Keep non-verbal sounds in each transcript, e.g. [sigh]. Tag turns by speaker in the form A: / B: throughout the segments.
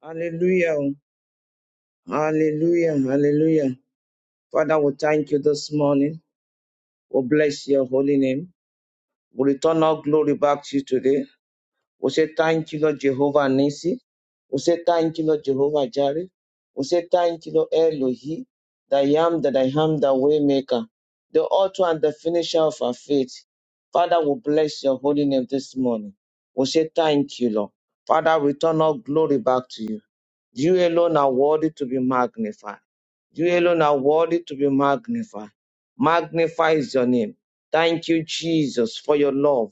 A: Hallelujah. Hallelujah. Hallelujah. Father, we thank you this morning. We bless your holy name. We return our glory back to you today. We say thank you, Lord Jehovah Nisi. We say thank you, Lord Jehovah Jireh. We say thank you, Lord Elohi, that I am, that I am, the waymaker, the author and the finisher of our faith. Father, we bless your holy name this morning. We say thank you, Lord. Father, return all glory back to you. You alone are worthy to be magnified. You alone are worthy to be magnified. Magnify is your name. Thank you, Jesus, for your love,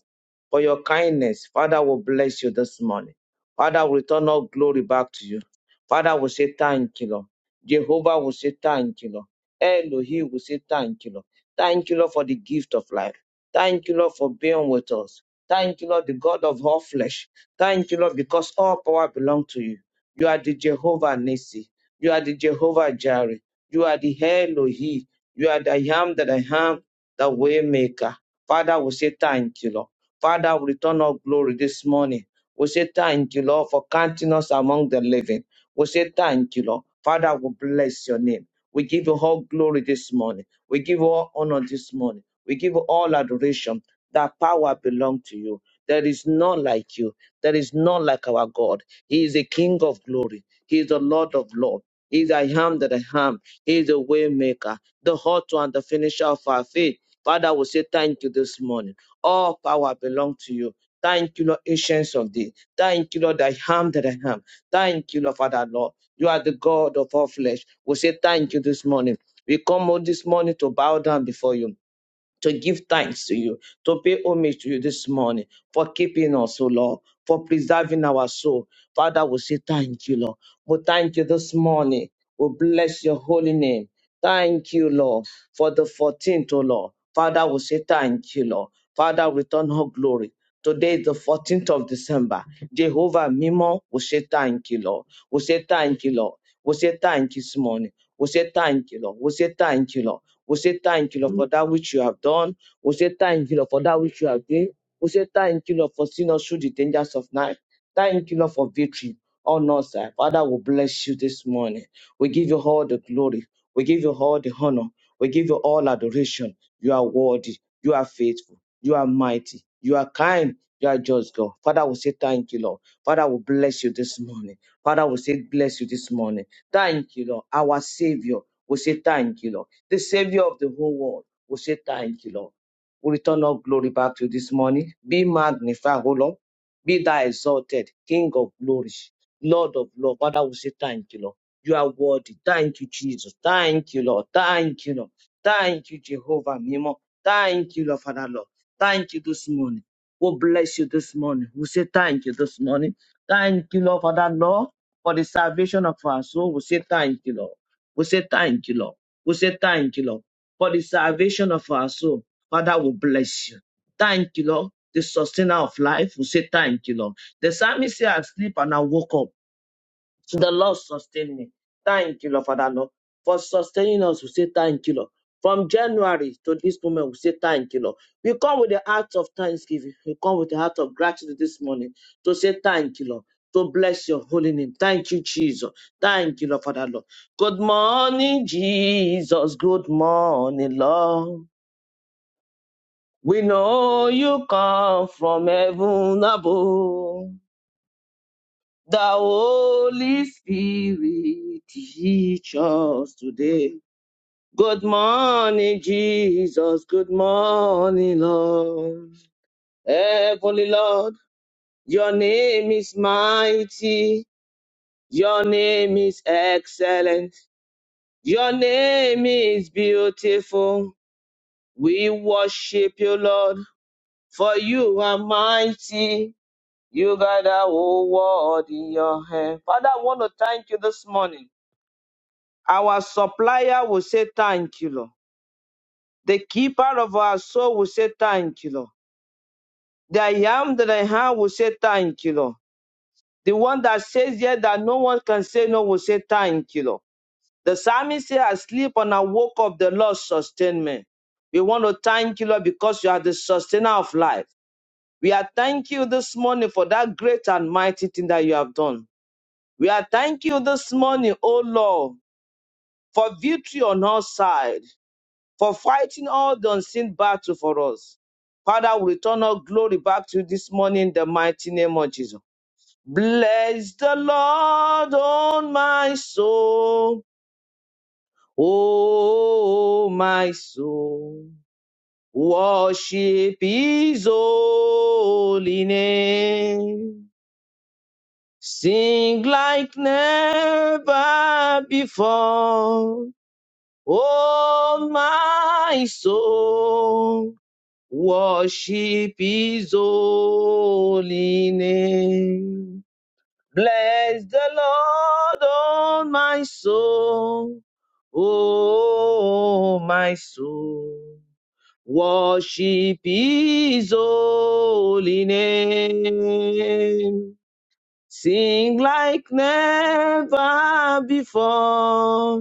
A: for your kindness. Father will bless you this morning. Father will return all glory back to you. Father will say thank you, Lord. Jehovah will say thank you, Lord. Elohim will say thank you, Lord. Thank you, Lord, for the gift of life. Thank you, Lord, for being with us. Thank you, Lord, the God of all flesh. Thank you, Lord, because all power belongs to you. You are the Jehovah Nissi. You are the Jehovah Jireh. You are the Elohi. You are the I am that I am, the way maker. Father, we say thank you, Lord. Father, we return our glory this morning. We say thank you, Lord, for counting us among the living. We say thank you, Lord. Father, we bless your name. We give you all glory this morning. We give you all honor this morning. We give you all adoration. That power belongs to you. There is none like you. There is none like our God. He is a King of glory. He is the Lord of Lords. He is I am that I am. He is the way maker, the author and the finisher of our faith. Father, we say thank you this morning. All power belongs to you. Thank you, Lord, ancients of thee. Thank you, Lord, I am that I am. Thank you, Lord, Father, Lord. You are the God of all flesh. We say thank you this morning. We come out this morning to bow down before you to give thanks to you, to pay homage to you this morning for keeping us, O Lord, for preserving our soul. Father, we say thank you, Lord. We thank you this morning. We bless your holy name. Thank you, Lord, for the 14th, O Lord. Father, we say thank you, Lord. Father, return her glory. Today is the 14th of December. Jehovah Mimo, we say thank you, Lord. We say thank you, Lord. We say thank you this morning. We say thank you, Lord. We say thank you, Lord. We say thank you, Lord, for that which you have done. We say thank you, Lord, for that which you have done. We say thank you, Lord, for seeing us through the dangers of night. Thank you, Lord, for victory on us. side. Father, we bless you this morning. We give you all the glory. We give you all the honor. We give you all adoration. You are worthy. You are faithful. You are mighty. You are kind. You are just God. Father, we say thank you, Lord. Father, we bless you this morning. Father, we say bless you this morning. Thank you, Lord. Our Savior We say thank you, Lord. The Savior of the whole world We say thank you, Lord. We return all glory back to you this morning. Be magnified, O Lord. Be thou exalted, King of glory, Lord of Love. Father, we say thank you, Lord. You are worthy. Thank you, Jesus. Thank you, Lord. Thank you, Lord. Thank you, Jehovah Mimo. Thank you, Lord, Father, Lord. Thank you this morning. We bless you this morning. We say thank you this morning. Thank you, Lord, Father, Lord for the salvation of our soul. We say thank you, Lord. We say thank you, Lord. We say thank you, Lord, for the salvation of our soul. Father, we bless you. Thank you, Lord. The sustainer of life, we say thank you, Lord. The psalmist said, I sleep and I woke up. So The Lord sustain me. Thank you, Lord Father Lord, for sustaining us. We say thank you, Lord. From January to this moment, we say thank you, Lord. We come with the heart of thanksgiving. We come with the heart of gratitude this morning to say thank you, Lord. To bless your holy name. Thank you, Jesus. Thank you, Lord Father Lord. Good morning, Jesus. Good morning, Lord. We know you come from heaven above. The Holy Spirit teach us today. Good morning, Jesus. Good morning, Lord. Heavenly Lord, your name is mighty. Your name is excellent. Your name is beautiful. We worship you, Lord, for you are mighty. You got the whole world in your hand. Father, I want to thank you this morning. Our supplier will say thank you, Lord. The keeper of our soul will say thank you, Lord. The I am that I am will say thank you, Lord. The one that says yes that no one can say no will say thank you, Lord. The psalmist said, I sleep and I woke up, the Lord sustain me. We want to thank you, Lord, because you are the sustainer of life. We are thanking you this morning for that great and mighty thing that you have done. We are thanking you this morning, O Lord, for victory on our side. for fighting all the unseen battle for us. Father, we return our glory back to you this morning in the mighty name of Jesus. Bless the Lord on my soul. Oh, my soul. Worship his holy name. Sing like never before. Oh, my soul. Worship his holy name. Bless the Lord, oh my soul. Oh my soul. Worship his holy name. Sing like never before.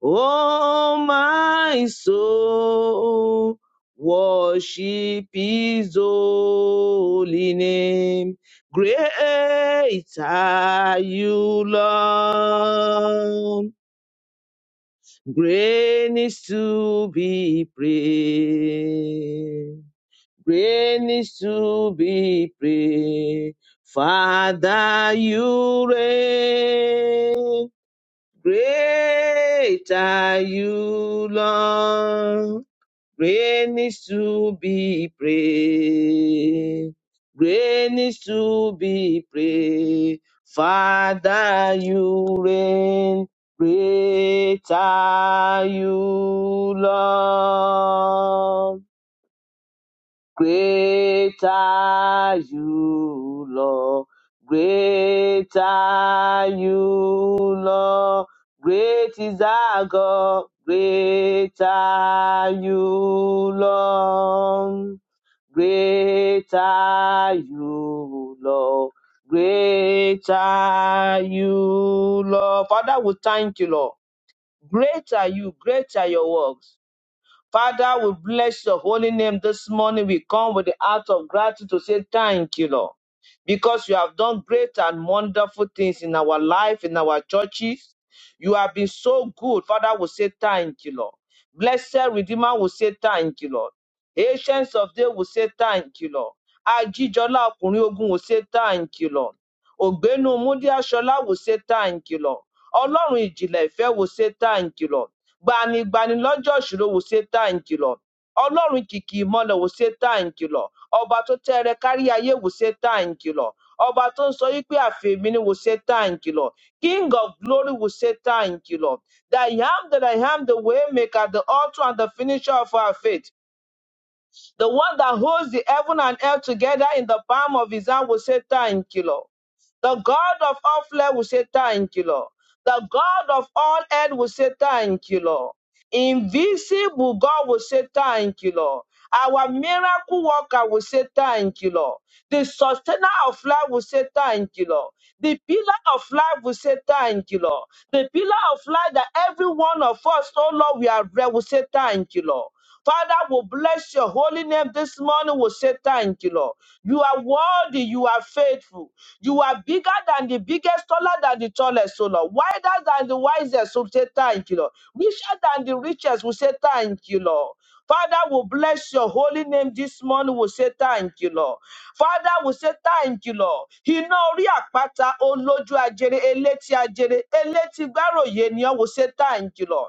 A: Oh, my soul, worship his holy name. Great are you, Lord. Great is to be praised. Great is to be praised. Father, you reign. Great are you, Lord. Great is to be praised. Great is to be praised. Father, you reign. Great are you, Lord. Great are you, Lord. Great are you, Lord. Great is our God. Great are you, Lord. Great are you, Lord. Great are you, Lord. Father, we thank you, Lord. Great are you. Great are your works. Father, we bless your holy name this morning. We come with the heart of gratitude to say thank you, Lord, because you have done great and wonderful things in our life, in our churches. You have been so good. Father, we say thank you, Lord. Blessed Redeemer we say thank you, Lord. Ancients of Day we say thank you, Lord. Ajijola Ọkùnrin Ogun will say thank you, Lord. Ògbénu Múdíásọlá will say thank you, Lord. Ọlọ́run ìjìnlẹ̀ ìfẹ́ will say thank you, Lord gbanigbani lọ́jọ́ ìṣòro wòṣe tá à ń kìlọ̀ ọlọ́run kìkì ìmọ̀lẹ̀ wòṣe tá à ń kìlọ̀ ọba tó tẹ́rẹ kárí ayé wòṣe tá à ń kìlọ̀ ọba tó ń sọ wípé àfẹ̀mí ni wòṣe tá à ń kìlọ̀ king of glory wòṣe tá à ń kìlọ̀ that i am that i am the way maker the author and the finisher of our faith the one that holds the heaven and earth together in the palm of his hand will say, Thank you, Lord. The God of all flesh will say, Thank you, Lord. The God of all earth will say, Thank you, Lord. Invisible God will say, Thank you, Lord. Our miracle worker will say, Thank you, Lord. The sustainer of life will say, Thank you, Lord. The pillar of life will say, Thank you, Lord. The pillar of life that every one of us, oh Lord, we are read will say, Thank you, Lord. Father, will bless your holy name this morning. We'll say thank you, Lord. You are worthy. You are faithful. You are bigger than the biggest, taller than the tallest, so Lord. Wider than the wisest, We say thank you, Lord. Richer than the richest, we say thank you, Lord. Father, we bless your holy name this morning. We say thank you, Lord. Father, we say thank you, Lord. Iná orí àpáta olójú ajere, elétí ajere, elétí gbáròyé ni ọ́. We say thank you, Lord.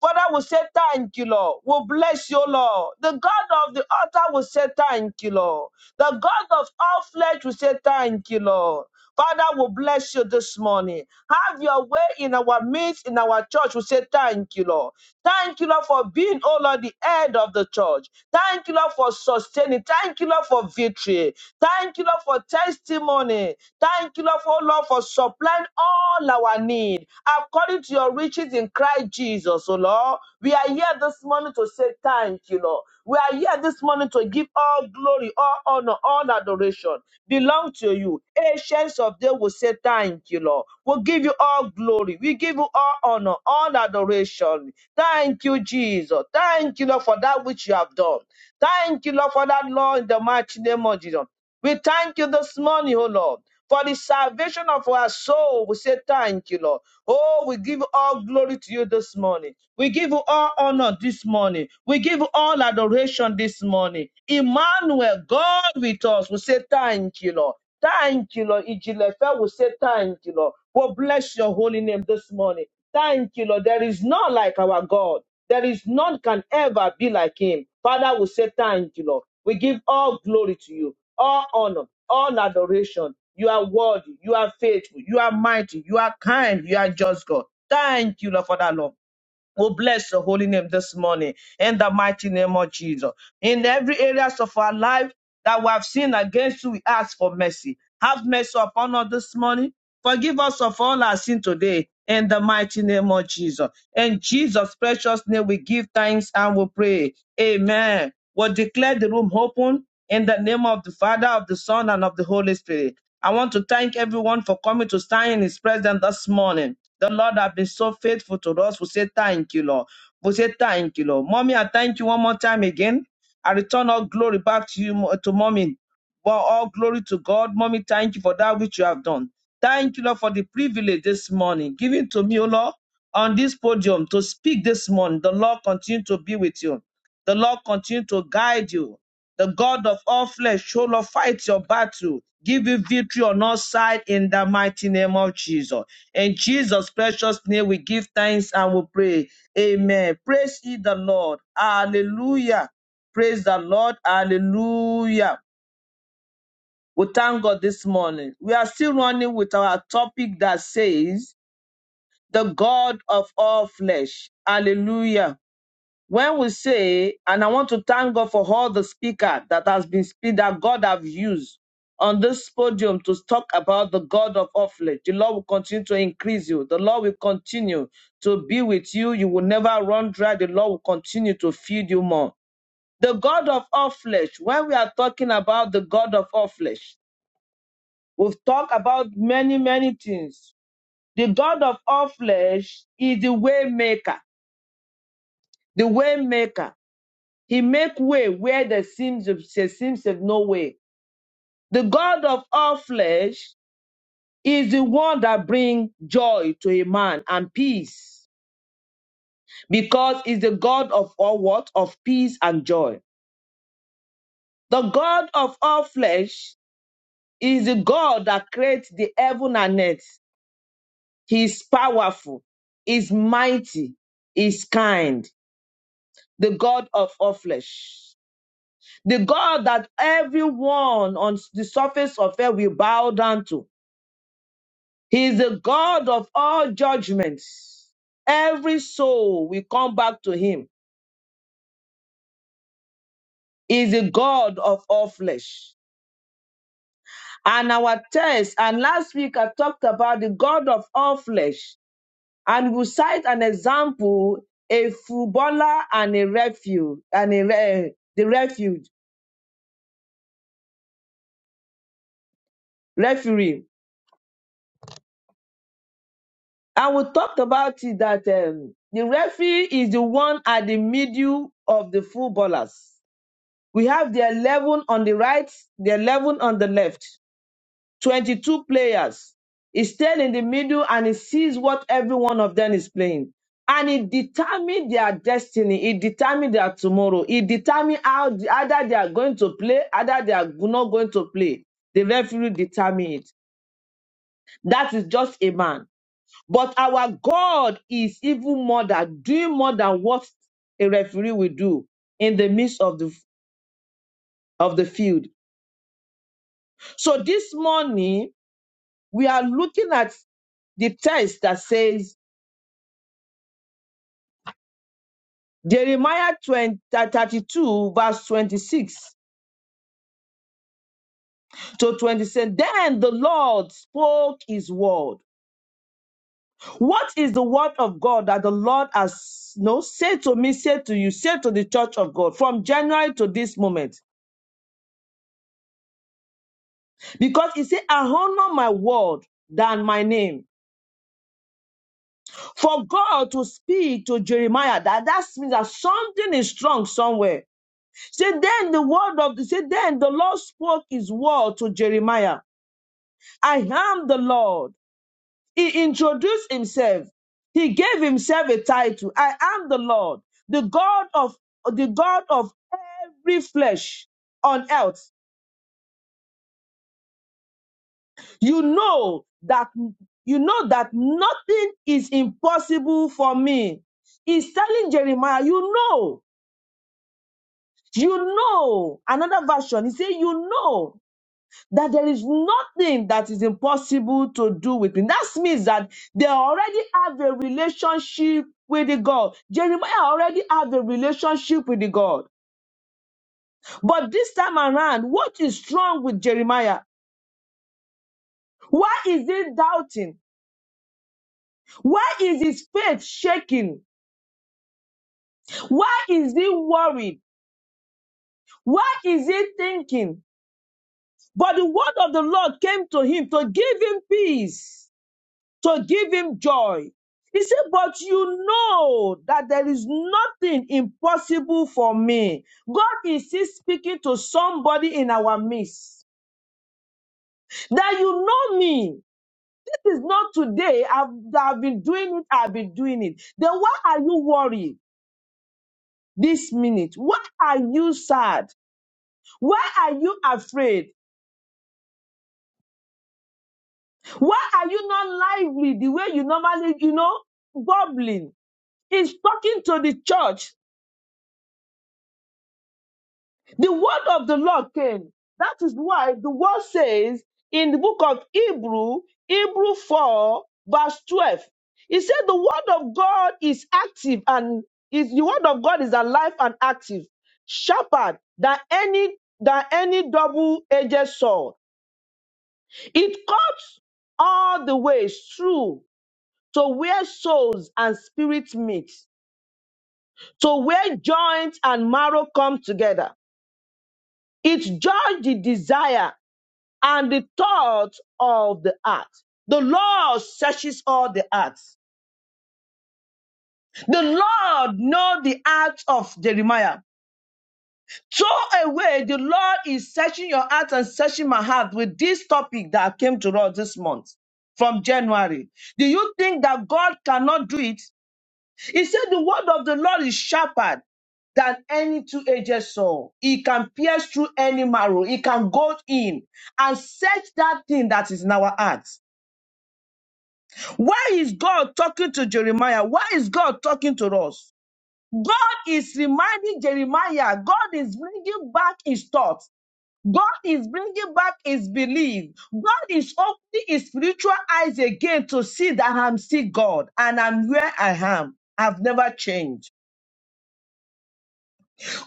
A: Father will say thank you, Lord. Will bless you, Lord. The God of the altar will say thank you, Lord. The God of all flesh will say thank you, Lord. Father will bless you this morning. Have your way in our midst, in our church. We say thank you, Lord. Thank you, Lord, for being, oh Lord, the head of the church. Thank you, Lord, for sustaining. Thank you, Lord, for victory. Thank you, Lord, for testimony. Thank Thank you, Lord, for, Lord, for supplying all our need according to your riches in Christ Jesus, oh Lord. We are here this morning to say thank you, Lord. We are here this morning to give all glory, all honor, all adoration belong to you. Ancients of days will say thank you, Lord. We'll give you all glory. We give you all honor, all adoration. Thank you, Jesus. Thank you, Lord, for that which you have done. Thank you, Lord, for that, Lord, in the mighty name of Jesus. We thank you this morning, O Lord, for the salvation of our soul. We say thank you, Lord. Oh, we give all glory to you this morning. We give all honor this morning. We give all adoration this morning. Emmanuel, God with us, we say thank you, Lord. Thank you, Lord. Ijilefe, we say thank you, Lord. We bless your holy name this morning. Thank you, Lord. There is none like our God. There is none can ever be like him. Father, we say thank you, Lord. We give all glory to you, all honor, all adoration. You are worthy, you are faithful, you are mighty, you are kind, you are just God. Thank you, Lord, for that, Lord. Oh, bless your holy name this morning in the mighty name of Jesus. In every areas of our life that we have sinned against you, we ask for mercy. Have mercy upon us this morning. Forgive us of all our sin today in the mighty name of Jesus. In Jesus' precious name, we give thanks and we pray. Amen will declare the room open in the name of the Father, of the Son, and of the Holy Spirit. I want to thank everyone for coming to stand in His presence this morning. The Lord has been so faithful to us. We say thank you, Lord. We say thank you, Lord. Mommy, I thank you one more time again. I return all glory back to you, to mommy. Well, all glory to God. Mommy, thank you for that which you have done. Thank you, Lord, for the privilege this morning given to me, O Lord, on this podium to speak this morning. The Lord continue to be with you. The Lord continue to guide you. The God of all flesh, O Lord, fight your battle. Give you victory on all sides in the mighty name of Jesus. In Jesus' precious name, we give thanks and we pray. Amen. Praise ye the Lord. Hallelujah. Praise the Lord. Hallelujah. We thank God this morning. We are still running with our topic that says, The God of all flesh. Hallelujah when we say, and I want to thank God for all the speaker that has been speak that God have used on this podium to talk about the God of Offlet. The Lord will continue to increase you. The Lord will continue to be with you. You will never run dry. The Lord will continue to feed you more. The God of all flesh, when we are talking about the God of all flesh, we've talked about many, many things. The God of all flesh is the way maker, the way maker. He make way where there seems there seems of no way. The God of all flesh is the one that brings joy to a man and peace, because he's the God of all what of peace and joy. The God of all flesh is the God that creates the heaven and earth. He's powerful, is mighty, is kind. The God of all flesh the God that everyone on the surface of earth will bow down to. He is the God of all judgments. Every soul will come back to him. He is the God of all flesh. And our text, and last week I talked about the God of all flesh. And we cite an example, a footballer and a refuge, and a re- the refuge, referee. And we talked about it that um, the referee is the one at the middle of the footballers We have the 11 on the right, the 11 on the left, 22 players. He stayed in the middle and he sees what every one of them is playing. And it determined their destiny. It determined their tomorrow. It determined how either they are going to play, either they are not going to play. The referee determined it. That is just a man. But our God is even more than doing more than what a referee will do in the midst of the of the field So this morning, we are looking at the text that says Jeremiah 20 32 verse 26 to 27. Then the Lord spoke his word. What is the word of God that the Lord has no said to me, said to you, said to the church of God from January to this moment? Because he said, I honor my word than my name. For God to speak to Jeremiah, that that means that something is strong somewhere Say then the word of the say then the Lord spoke his word to Jeremiah. I am the Lord. He introduced himself. He gave himself a title. I am the Lord, the God of the God of every flesh on earth. You know that you know that nothing is impossible for me. He's telling Jeremiah, you know, you know. Another version, he said, you know that there is nothing that is impossible to do with him. That means that they already have a relationship with the God. Jeremiah already have a relationship with the God. But this time around, what is wrong with Jeremiah? Why is he doubting? Why is his faith shaking? Why is he worried? Why is he thinking? But the word of the Lord came to him to give him peace. to give him joy. He said, But you know that there is nothing impossible for me. God is still speaking to somebody in our midst. That you know me. It is not today. I've, I've been doing it. I've been doing it. Then why are you worried this minute? Why are you sad? Why are you afraid? Why are you not lively the way you normally, you know, bubbling? He's talking to the church The word of the Lord came. That is why the word says in the book of Hebrew, Hebrew 4, verse 12, it said the word of God is active and is the word of God is alive and active, sharper than any than any double-edged sword. It cuts all the way through to where souls and spirits meet, to where joints and marrow come together. It judges the desire and the thought of the heart. The Lord searches all the hearts. The Lord knows the heart of Jeremiah. So away, the Lord is searching your heart and searching my heart with this topic that came to us this month from January. Do you think that God cannot do it? He said the word of the Lord is sharper than any two-edged sword. It can pierce through any marrow. It can go in and search that thing that is in our heart. Why is God talking to Jeremiah? Why is God talking to us? God is reminding Jeremiah, God is bringing back his thoughts. God is bringing back his belief. God is opening his spiritual eyes again to see that I'm still God and I'm where I am. I've never changed.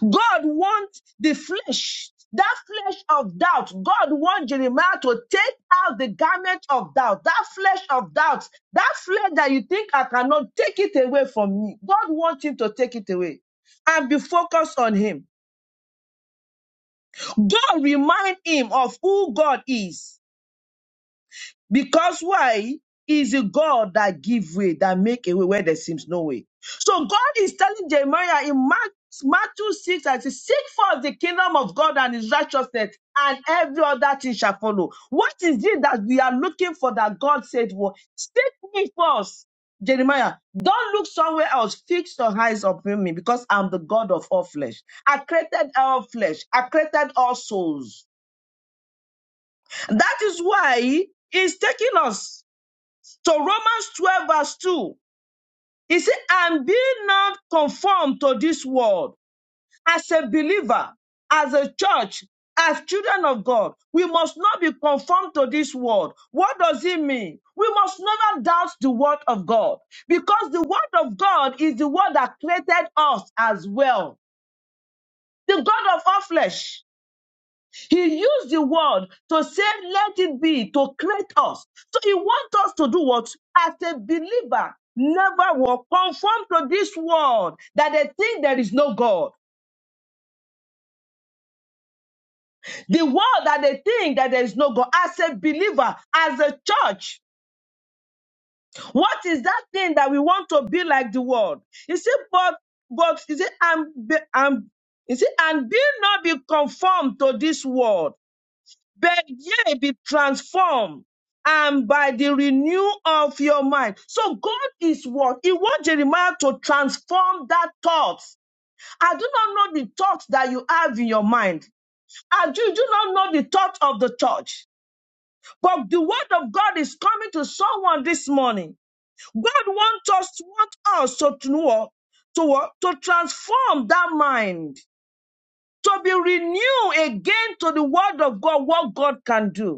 A: God wants the flesh, that flesh of doubt. God wants Jeremiah to take out the garment of doubt, that flesh of doubt, that flesh that you think I cannot take it away from me. God wants him to take it away and be focused on him. God remind him of who God is. Because why? Is a God that give way, that make a way where there seems no way. So God is telling Jeremiah in Mark, Matthew 6 and says, Seek first the kingdom of God and his righteousness, and every other thing shall follow. What is it that we are looking for that God said, well, Seek me first, Jeremiah. Don't look somewhere else. Fix your eyes upon me because I'm the God of all flesh. I created all flesh. I created all souls. That is why he's taking us so Romans 12 verse 2, he said, and be not conformed to this world. As a believer, as a church, as children of God, we must not be conformed to this world. What does it mean? We must never doubt the word of God because the word of God is the word that created us as well. The God of all flesh. He used the word to say, let it be, to create us. So he wants us to do what? As a believer, never will conform to this world that they think there is no God. The world that they think that there is no God. As a believer, as a church, what is that thing that we want to be like the world? You see, but, but, you see, I'm, be- I'm, you see, and be not be conformed to this world but ye be transformed and by the renew of your mind. So God is what? He wants Jeremiah to transform that thought. I do not know the thoughts that you have in your mind. I do, do not know the thought of the church. But the word of God is coming to someone this morning. God wants us, want us to, to, know- to, what? to transform that mind, to be renewed again to the word of God, what God can do.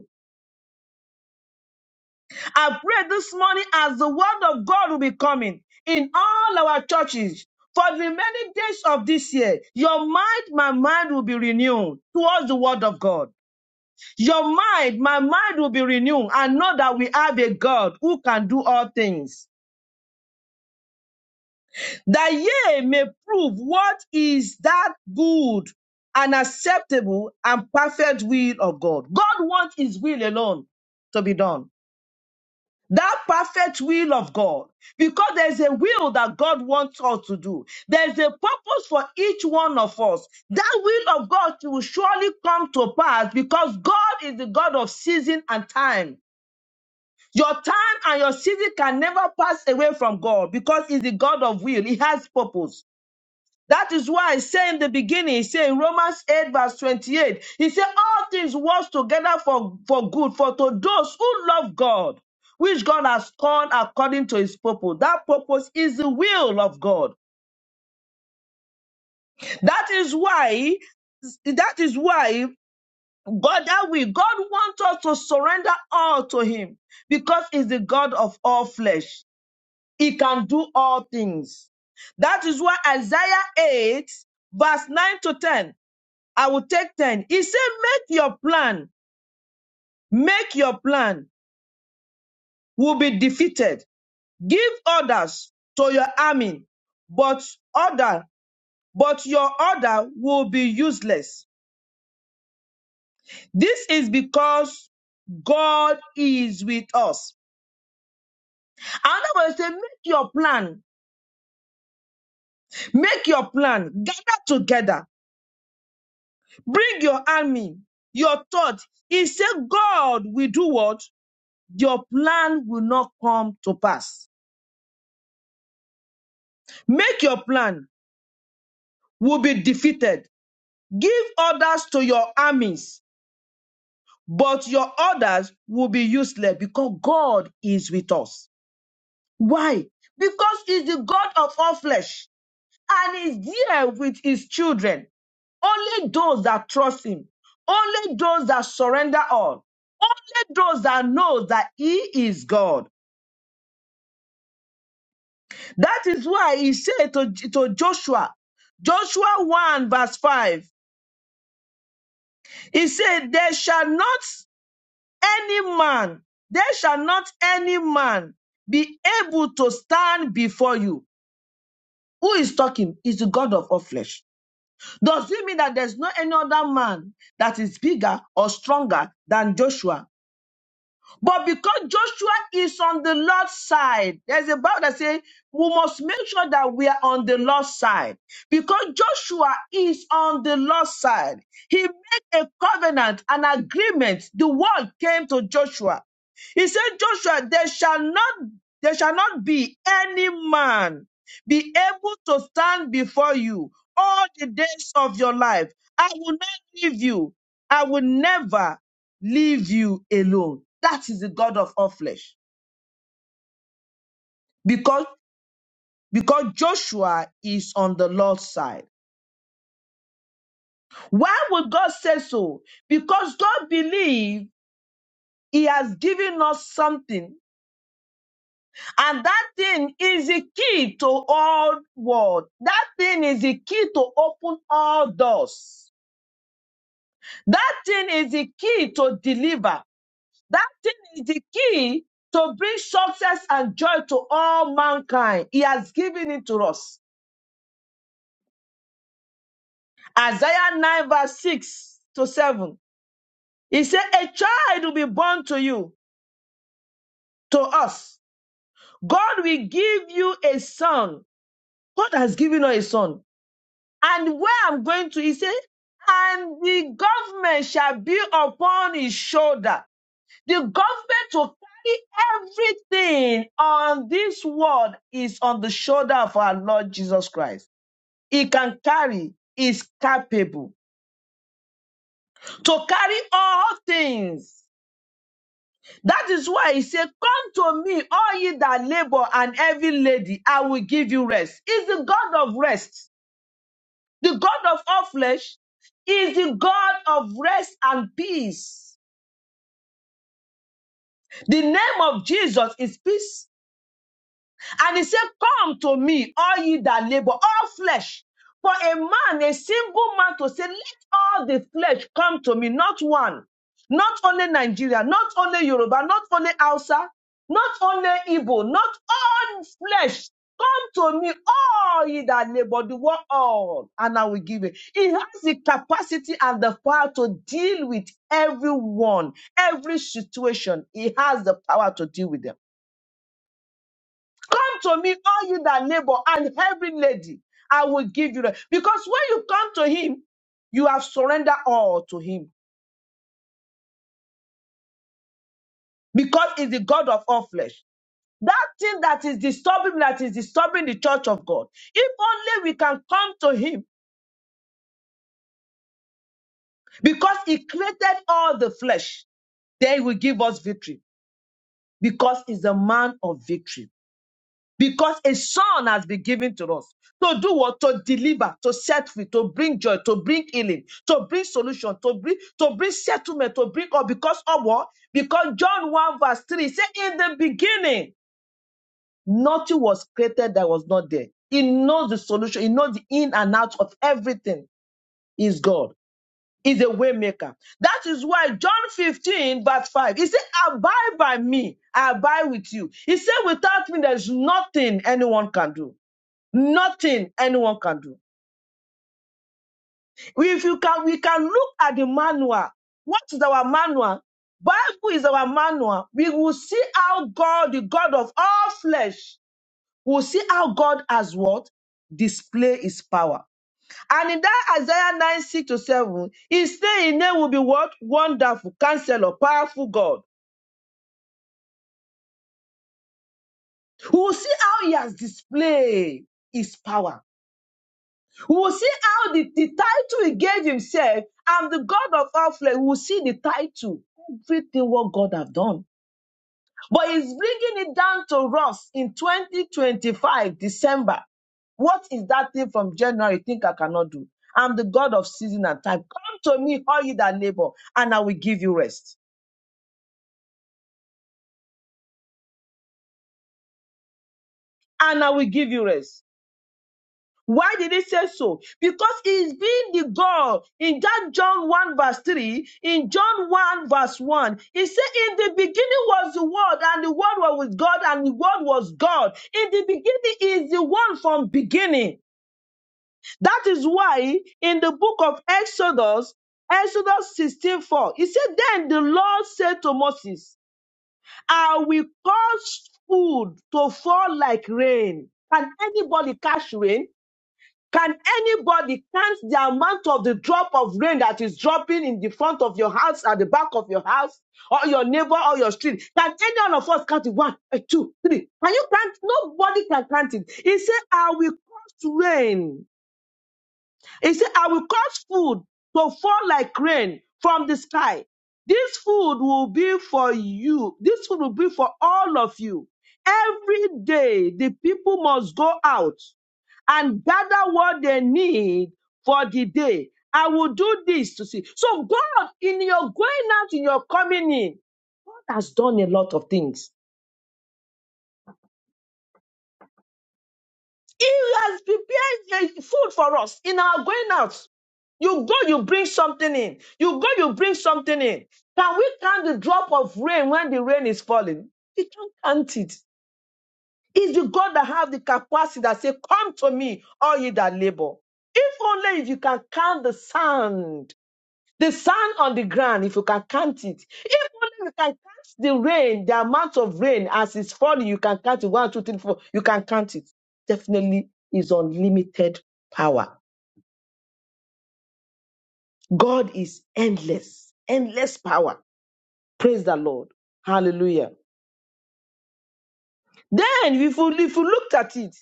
A: I pray this morning as the word of God will be coming in all our churches for the many days of this year. Your mind, my mind will be renewed towards the word of God. Your mind, my mind will be renewed. I know that we have a God who can do all things. That ye may prove what is that good and acceptable and perfect will of God. God wants his will alone to be done. that perfect will of God. Because there's a will that God wants us to do. There's a purpose for each one of us. That will of God will surely come to pass because God is the God of season and time. Your time and your season can never pass away from God because He's the God of will. He has purpose. That is why I say in the beginning, he said in Romans 8, verse 28, he said, All things work together for, for good, for to those who love God, which God has called according to his purpose. That purpose is the will of God. That is why, that is why God, that will, God wants us to surrender all to him because he's the God of all flesh. He can do all things. That is why Isaiah 8, verse 9 to 10. I will take 10. He said, make your plan. Make your plan will be defeated. Give orders to your army, but order, but your order will be useless. This is because God is with us. Another way say, make your plan. Make your plan. Gather together. Bring your army, your thought. He said, God will do what? Your plan will not come to pass. Make your plan. will be defeated. Give orders to your armies, but your orders will be useless because God is with us. Why? Because He's the God of all flesh and is there with His children. Only those that trust Him, only those that surrender all, only those that know that He is God. That is why He said to, to Joshua, Joshua 1 verse 5, He said, They shall not any man, there shall not any man be able to stand before you. Who is talking? Is the God of all flesh. Does it mean that there's no any other man that is bigger or stronger than Joshua but because Joshua is on the Lord's side, there's a Bible that says we must make sure that we are on the Lord's side. Because Joshua is on the Lord's side, he made a covenant, an agreement. The word came to Joshua. He said, Joshua, there shall not, there shall not be any man be able to stand before you all the days of your life. I will not leave you. I will never leave you alone. That is the God of all flesh. Because because Joshua is on the Lord's side. Why would God say so? Because God believes He has given us something, and that thing is the key to all world. That thing is the key to open all doors. That thing is the key to deliver. That thing is the key to bring success and joy to all mankind. He has given it to us. Isaiah 9, verse 6 to 7. He said, A child will be born to you, to us. God will give you a son. God has given us a son. And where I'm going to, he said, and the government shall be upon his shoulder. The government will carry everything on this world is on the shoulder of our Lord Jesus Christ. He can carry, is capable to carry all things That is why he said, Come to me, all ye that labor and heavy lady, I will give you rest. Is the God of rest, the God of all flesh, is the God of rest and peace. The name of Jesus is peace. And he said, Come to me, all ye that labor, all flesh. For a man, a single man to say, Let all the flesh come to me, not one. Not only Nigeria, not only Yoruba, not only Hausa, not only Igbo, not all flesh. Come to me, all ye that labor, the word all, and I will give it. He has the capacity and the power to deal with everyone, every situation. He has the power to deal with them. Come to me, all you that labor and heavy lady, I will give you. rest. Because when you come to him, you have surrendered all to him. Because he's the God of all flesh. That thing that is disturbing, that is disturbing the church of God. If only we can come to him, because he created all the flesh, then he will give us victory. Because he's a man of victory. because a son has been given to us to do what to deliver to set free to bring joy to bring healing to bring solution to bring to bring settlement to bring all because of what because john 1 verse 3 say in the beginning nothing was created that was not there he knows the solution he knows the in and out of everything is god is a way maker. That is why John 15, verse 5, he said, Abide by me, I abide with you. He said, Without me, there's nothing anyone can do. Nothing anyone can do. If you can, we can look at the manual. What is our manual? Bible is our manual. We will see how God, the God of all flesh, will see how God has what? Display his power. And in that Isaiah 9, 6 to 7, his name, his name will be what? Wonderful, counselor, powerful God. We will see how he has displayed his power. We will see how the, the title he gave himself, I'm the God of all flesh. We will see the title, everything what God have done. But he's bringing it down to us in 2025, December. What is that thing from January you think I cannot do? I'm the God of season and time. Come to me, all you that labor, and I will give you rest. And I will give you rest. Why did it say so? Because he's being the God in that John 1 verse 3, in John 1 verse 1. He said, In the beginning was the Word, and the Word was with God, and the Word was God. In the beginning is the one from beginning. That is why in the book of Exodus, Exodus 16 4, he said, Then the Lord said to Moses, I will cause food to fall like rain. Can anybody catch rain? Can anybody count the amount of the drop of rain that is dropping in the front of your house, at the back of your house, or your neighbor or your street? Can any one of us count it? One, eh, two, three. Can you count? Nobody can count it. He said, I will cause rain he said, I will cause food to fall like rain from the sky. This food will be for you. This food will be for all of you. Every day, the people must go out and gather what they need for the day. I will do this to see. So, God, in your going out, in your coming in, God has done a lot of things. He has prepared uh, food for us in our going out. You go, you bring something in. You go, you bring something in. Can we count the drop of rain when the rain is falling? We can't count it. It's the God that have the capacity that say, come to me, all you that labor. If only if you can count the sand, the sand on the ground, if you can count it. If only you can count the rain, the amount of rain as it's falling, you can count it. One, two, three, four. You can count it. Definitely is unlimited power. God is endless, endless power. Praise the Lord. Hallelujah. Then, if you, if you looked at it,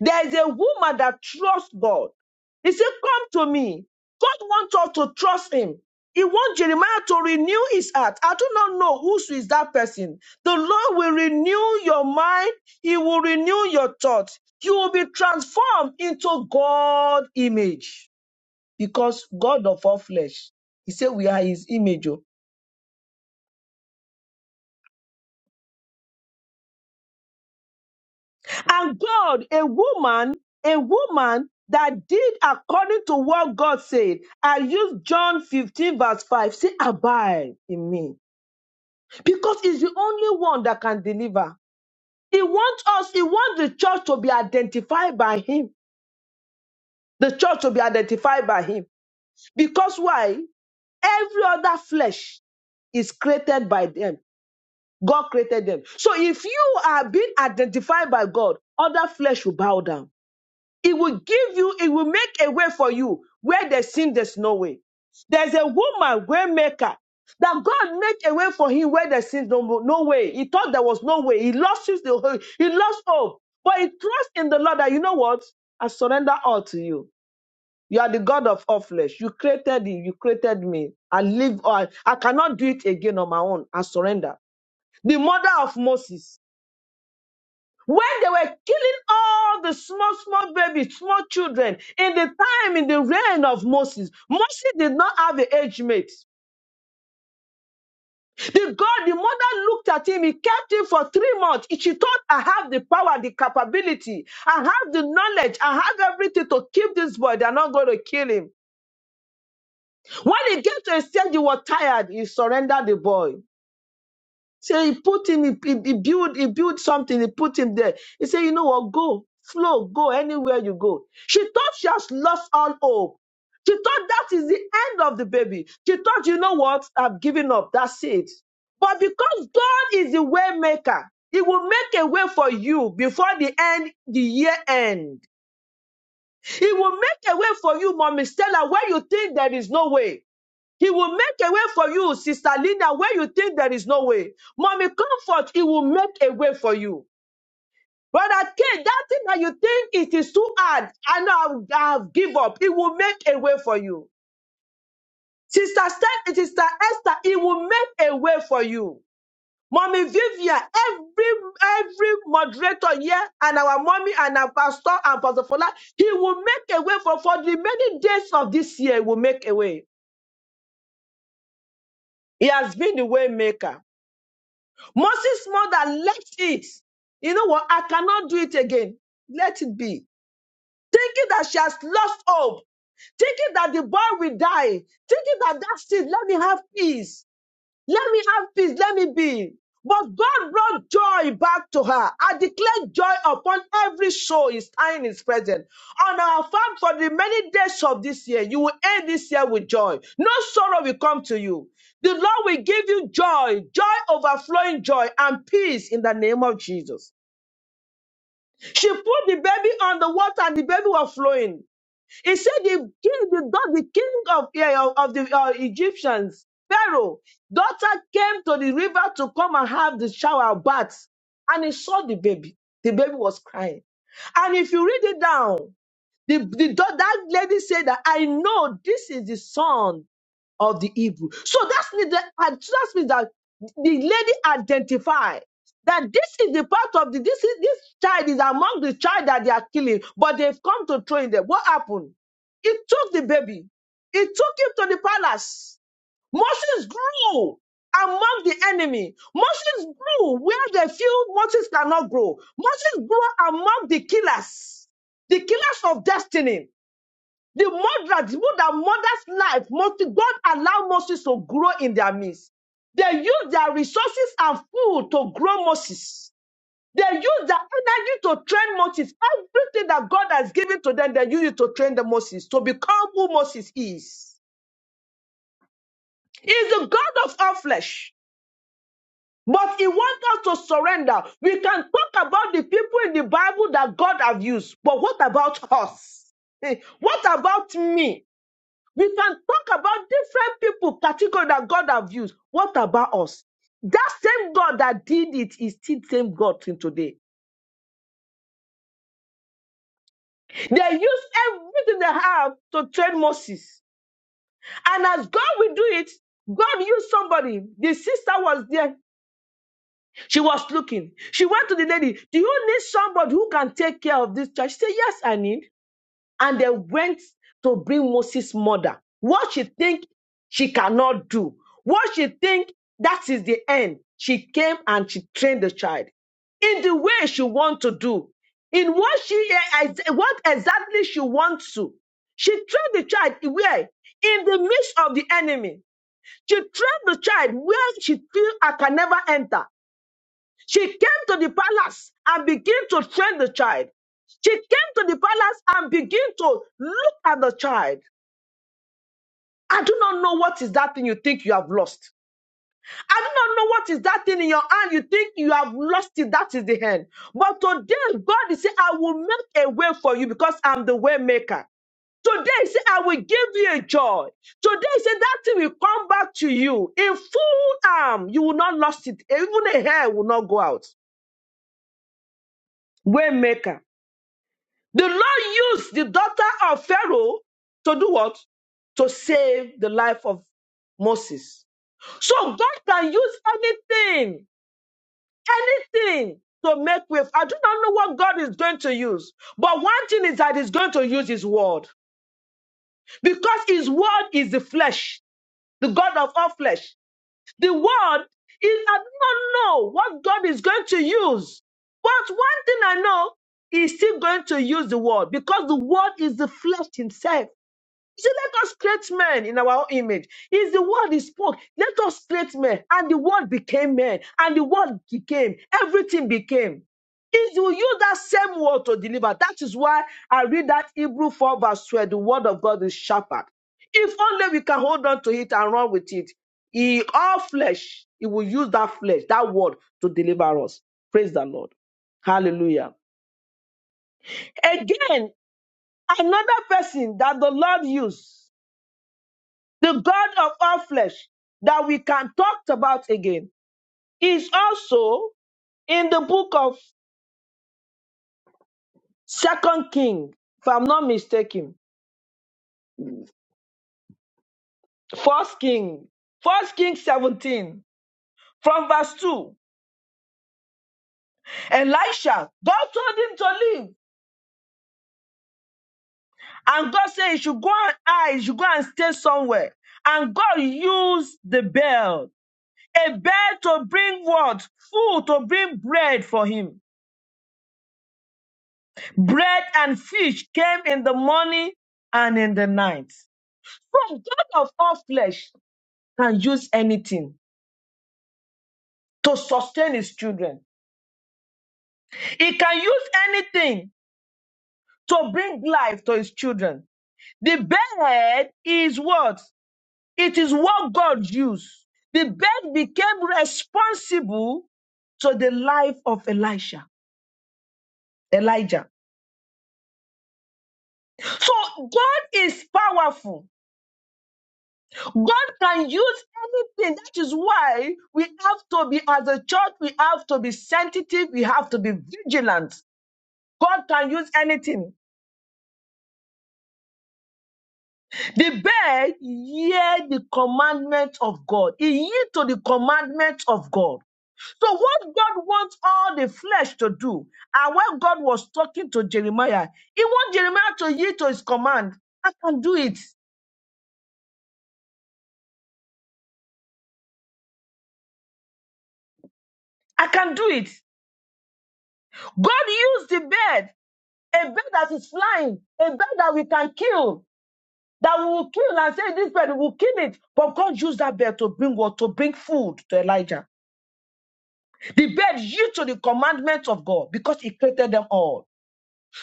A: there is a woman that trusts God. He said, Come to me. God wants us to trust him. He wants Jeremiah to renew his heart. I do not know who is that person. The Lord will renew your mind. He will renew your thoughts. You will be transformed into God image because God of all flesh. He said, We are his image. Oh. And God, a woman, a woman that did according to what God said. I use John 15, verse 5. Say, abide in me. Because it's the only one that can deliver. He wants us, he wants the church to be identified by him. The church to be identified by him. Because why? Every other flesh is created by them. God created them. So if you are being identified by God, other flesh will bow down It will give you, it will make a way for you where there seems there's no way. There's a woman, waymaker, that God made a way for him where there seems no, no way. He thought there was no way. He lost his, the hope. he lost hope. But he trusts in the Lord that, you know what? I surrender all to you. You are the God of all flesh. You created it. You created me. I live, I, I cannot do it again on my own. I surrender. The mother of Moses when they were killing all the small, small babies, small children in the time, in the reign of Moses. Moses did not have an age mate. The God, the mother looked at him, he kept him for three months. She thought, I have the power, the capability, I have the knowledge, I have everything to keep this boy. They're not going to kill him. When he gets to a stage, he was tired. He surrendered the boy. So he put him, he, he, he built, he built something, he put him there. He said, you know what, go, flow, go anywhere you go. She thought she has lost all hope. She thought that is the end of the baby. She thought, you know what, I've given up. That's it. But because God is the way maker, He will make a way for you before the end, the year end. He will make a way for you, Mommy Stella, where you think there is no way. He will make a way for you, Sister Linda, where you think there is no way. Mommy Comfort, He will make a way for you. Brother K, that thing that you think it is too hard, I know I have give up. He will make a way for you. Sister Steph, Sister Esther, He will make a way for you. Mommy Vivian, every every moderator here, and our mommy and our pastor and Pastor Fola, he will make a way for for the many days of this year. He will make a way. He has been the way maker. Moses' mother left it. You know what? I cannot do it again. Let it be. Thinking that she has lost hope, thinking that the boy will die, thinking that that's it. Let me have peace. Let me have peace. Let me be. But God brought joy back to her. I declare joy upon every soul is in his presence. On our farm for the many days of this year, you will end this year with joy. No sorrow will come to you. The Lord will give you joy, joy overflowing joy and peace in the name of Jesus. She put the baby on the water and the baby was flowing. He said the king, the God, the king of yeah, of of the uh, Egyptians, Pharaoh, daughter came to the river to come and have the shower bath, and he saw the baby. The baby was crying, and if you read it down, the the da- that lady said that I know this is the son of the evil. So that's means that that means that the lady identified that this is the part of the this is this child is among the child that they are killing, but they've come to throw in them. What happened? It took the baby, it took him to the palace. Moses grew among the enemy. Moses grew where the few Moses cannot grow. Moses grew among the killers, the killers of destiny. The murderer, the people that murders life, Moses, God allowed Moses to grow in their midst. They use their resources and food to grow Moses. They use their energy to train Moses. Everything that God has given to them, they use it to train the Moses to become who Moses is. He is the God of all flesh. But he wants us to surrender. We can talk about the people in the Bible that God have used, but what about us? [laughs] Eh, What about me? We can talk about different people, category that God have used. What about us? That same God that did it is still the same God till today. They use everything they have to train Moses. And as God will do it, God used somebody. The sister was there. She was looking. She went to the lady. Do you need somebody who can take care of this child? She said, Yes, I need. and they went to bring Moses' mother. What she think she cannot do, what she think that is the end. She came and she trained the child in the way she want to do, in what she what exactly she wants to. She trained the child where in the midst of the enemy. She trained the child where she feel I can never enter. She came to the palace and began to train the child. She came to the palace and began to look at the child. I do not know what is that thing you think you have lost. I do not know what is that thing in your hand you think you have lost it. That is the hand. But today, God is saying, I will make a way for you because I'm the way maker. Today, he said, I will give you a joy. Today, he said, that thing will come back to you in full arm. You will not lost it. Even a hair will not go out. Way maker. The Lord used the daughter of Pharaoh to do what? To save the life of Moses. So God can use anything, anything to make with. I do not know what God is going to use. But one thing is that He's going to use His word because His word is the flesh, the God of all flesh. The word is, I do not know what God is going to use. But one thing I know, He's still going to use the word because the word is the flesh Himself. He said, Let us create men in our own image. Is the word he spoke. Let us create men. And the word became men. And the word became. Everything became. He will use that same word to deliver. That is why I read that Hebrew 4 verse 12. The word of God is sharper. If only we can hold on to it and run with it. He, all flesh, he will use that flesh, that word to deliver us. Praise the Lord. Hallelujah. Again, another person that the Lord used. The God of all flesh that we can talk about again is also in the book of Second King, if I'm not mistaken. First King, First King 17, from verse 2. Elisha, God told him to leave. And God said he should go and hide, he should go and stay somewhere. And God used the bell, a bell to bring what? Food, to bring bread for him. Bread and fish came in the morning and in the night. So God of all flesh can use anything to sustain his children. He can use anything to bring life to his children. The bed is what? It is what God used. The bed became responsible to the life of Elisha. Elijah. So God is powerful. God can use anything. That is why we have to be, as a church, we have to be sensitive. We have to be vigilant. God can use anything. The bear hear the commandment of God. He yield to the commandment of God. So what God wants all the flesh to do, and when God was talking to Jeremiah, he wants Jeremiah to yield to his command. I can do it. I can do it. God used the bird. a bird that is flying, a bird that we can kill, that we will kill and say this bird we will kill it. But God used that bird to bring what? To bring food to Elijah. The bird used to the commandments of God because he created them all.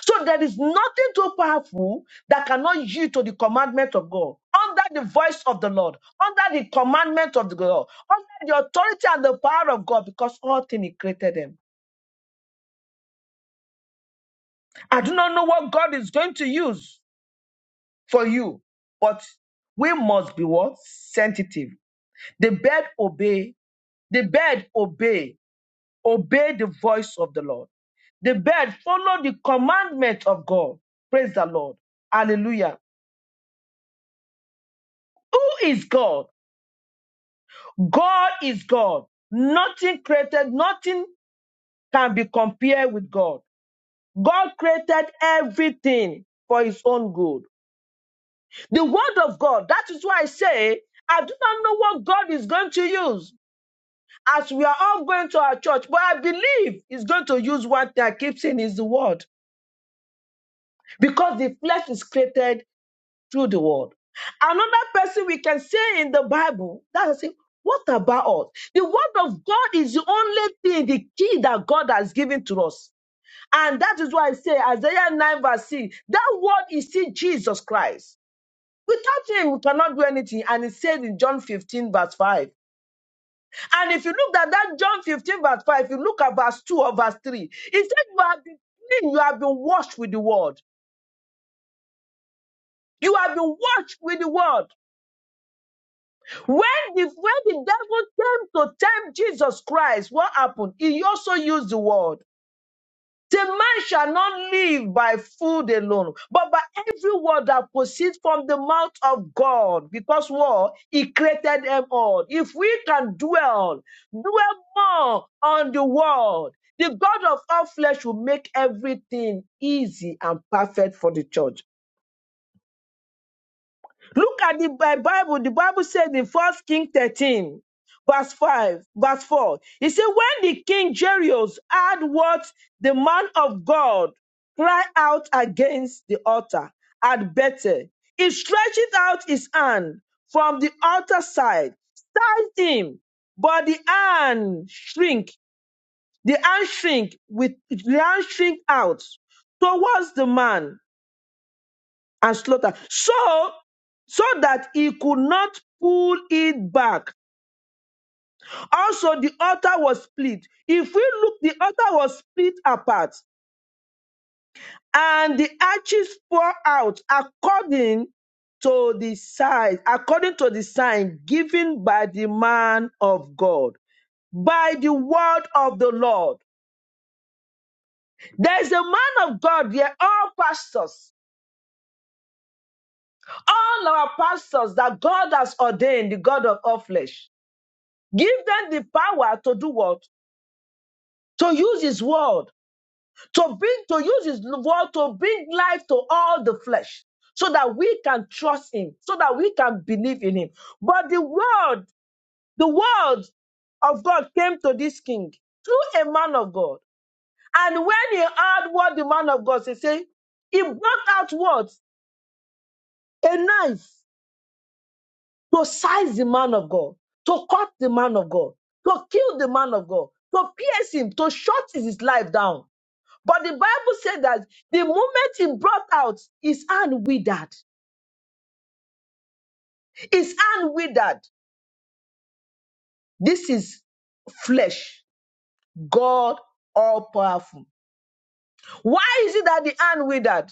A: So there is nothing too powerful that cannot yield to the commandment of God. Under the voice of the Lord, under the commandment of the God, under the authority and the power of God, because all things he created them. I do not know what God is going to use for you. But we must be what? Sensitive. The bird obey. The bird obey. Obey the voice of the Lord. The bird follow the commandment of God. Praise the Lord. Hallelujah. Who is God? God is God. Nothing created, nothing can be compared with God. God created everything for his own good. The word of God, that is why I say, I do not know what God is going to use. as we are all going to our church, but I believe he's going to use what I keep saying is the word because the flesh is created through the word. Another person we can say in the Bible, that's it. What about us? The word of God is the only thing, the key that God has given to us. And that is why I say Isaiah 9 verse 6, that word is still Jesus Christ. Without him, we cannot do anything. And it said in John 15 verse 5, And if you look at that John 15, verse 5, if you look at verse 2 or verse 3, it says You have been clean, you have been washed with the word. You have been washed with the word. When the, when the devil came to tempt Jesus Christ, what happened? He also used the word. The man shall not live by food alone, but by every word that proceeds from the mouth of God. Because what? He created them all. If we can dwell, dwell more on the word, the God of all flesh will make everything easy and perfect for the church. Look at the Bi- Bible. The Bible says in First King 13, verse 5, verse 4. It said, When the king Jerios heard what the man of God cried out against the altar at Bethel, he stretched out his hand from the altar side, side him, but the hand shrink, the hand shrink with the hand shrink out towards the man and slaughter. So, so that he could not pull it back. Also, the altar was split. If we look, the altar was split apart, and the arches pour out according to the size, according to the sign given by the man of God, by the word of the Lord. There is a man of God here, all pastors, all our pastors that God has ordained, the God of all flesh. Give them the power to do what? To use his word, to bring, to use his word to bring life to all the flesh, so that we can trust him, so that we can believe in him. But the word, the word of God came to this king through a man of God. And when he heard what the man of God said, say, he brought out what? A knife to size the man of God, to cut the man of God, to kill the man of God, to pierce him, to shut his life down. But the Bible said that the moment he brought out, his hand withered. His hand withered. This is flesh. God all powerful. Why is it that the hand withered?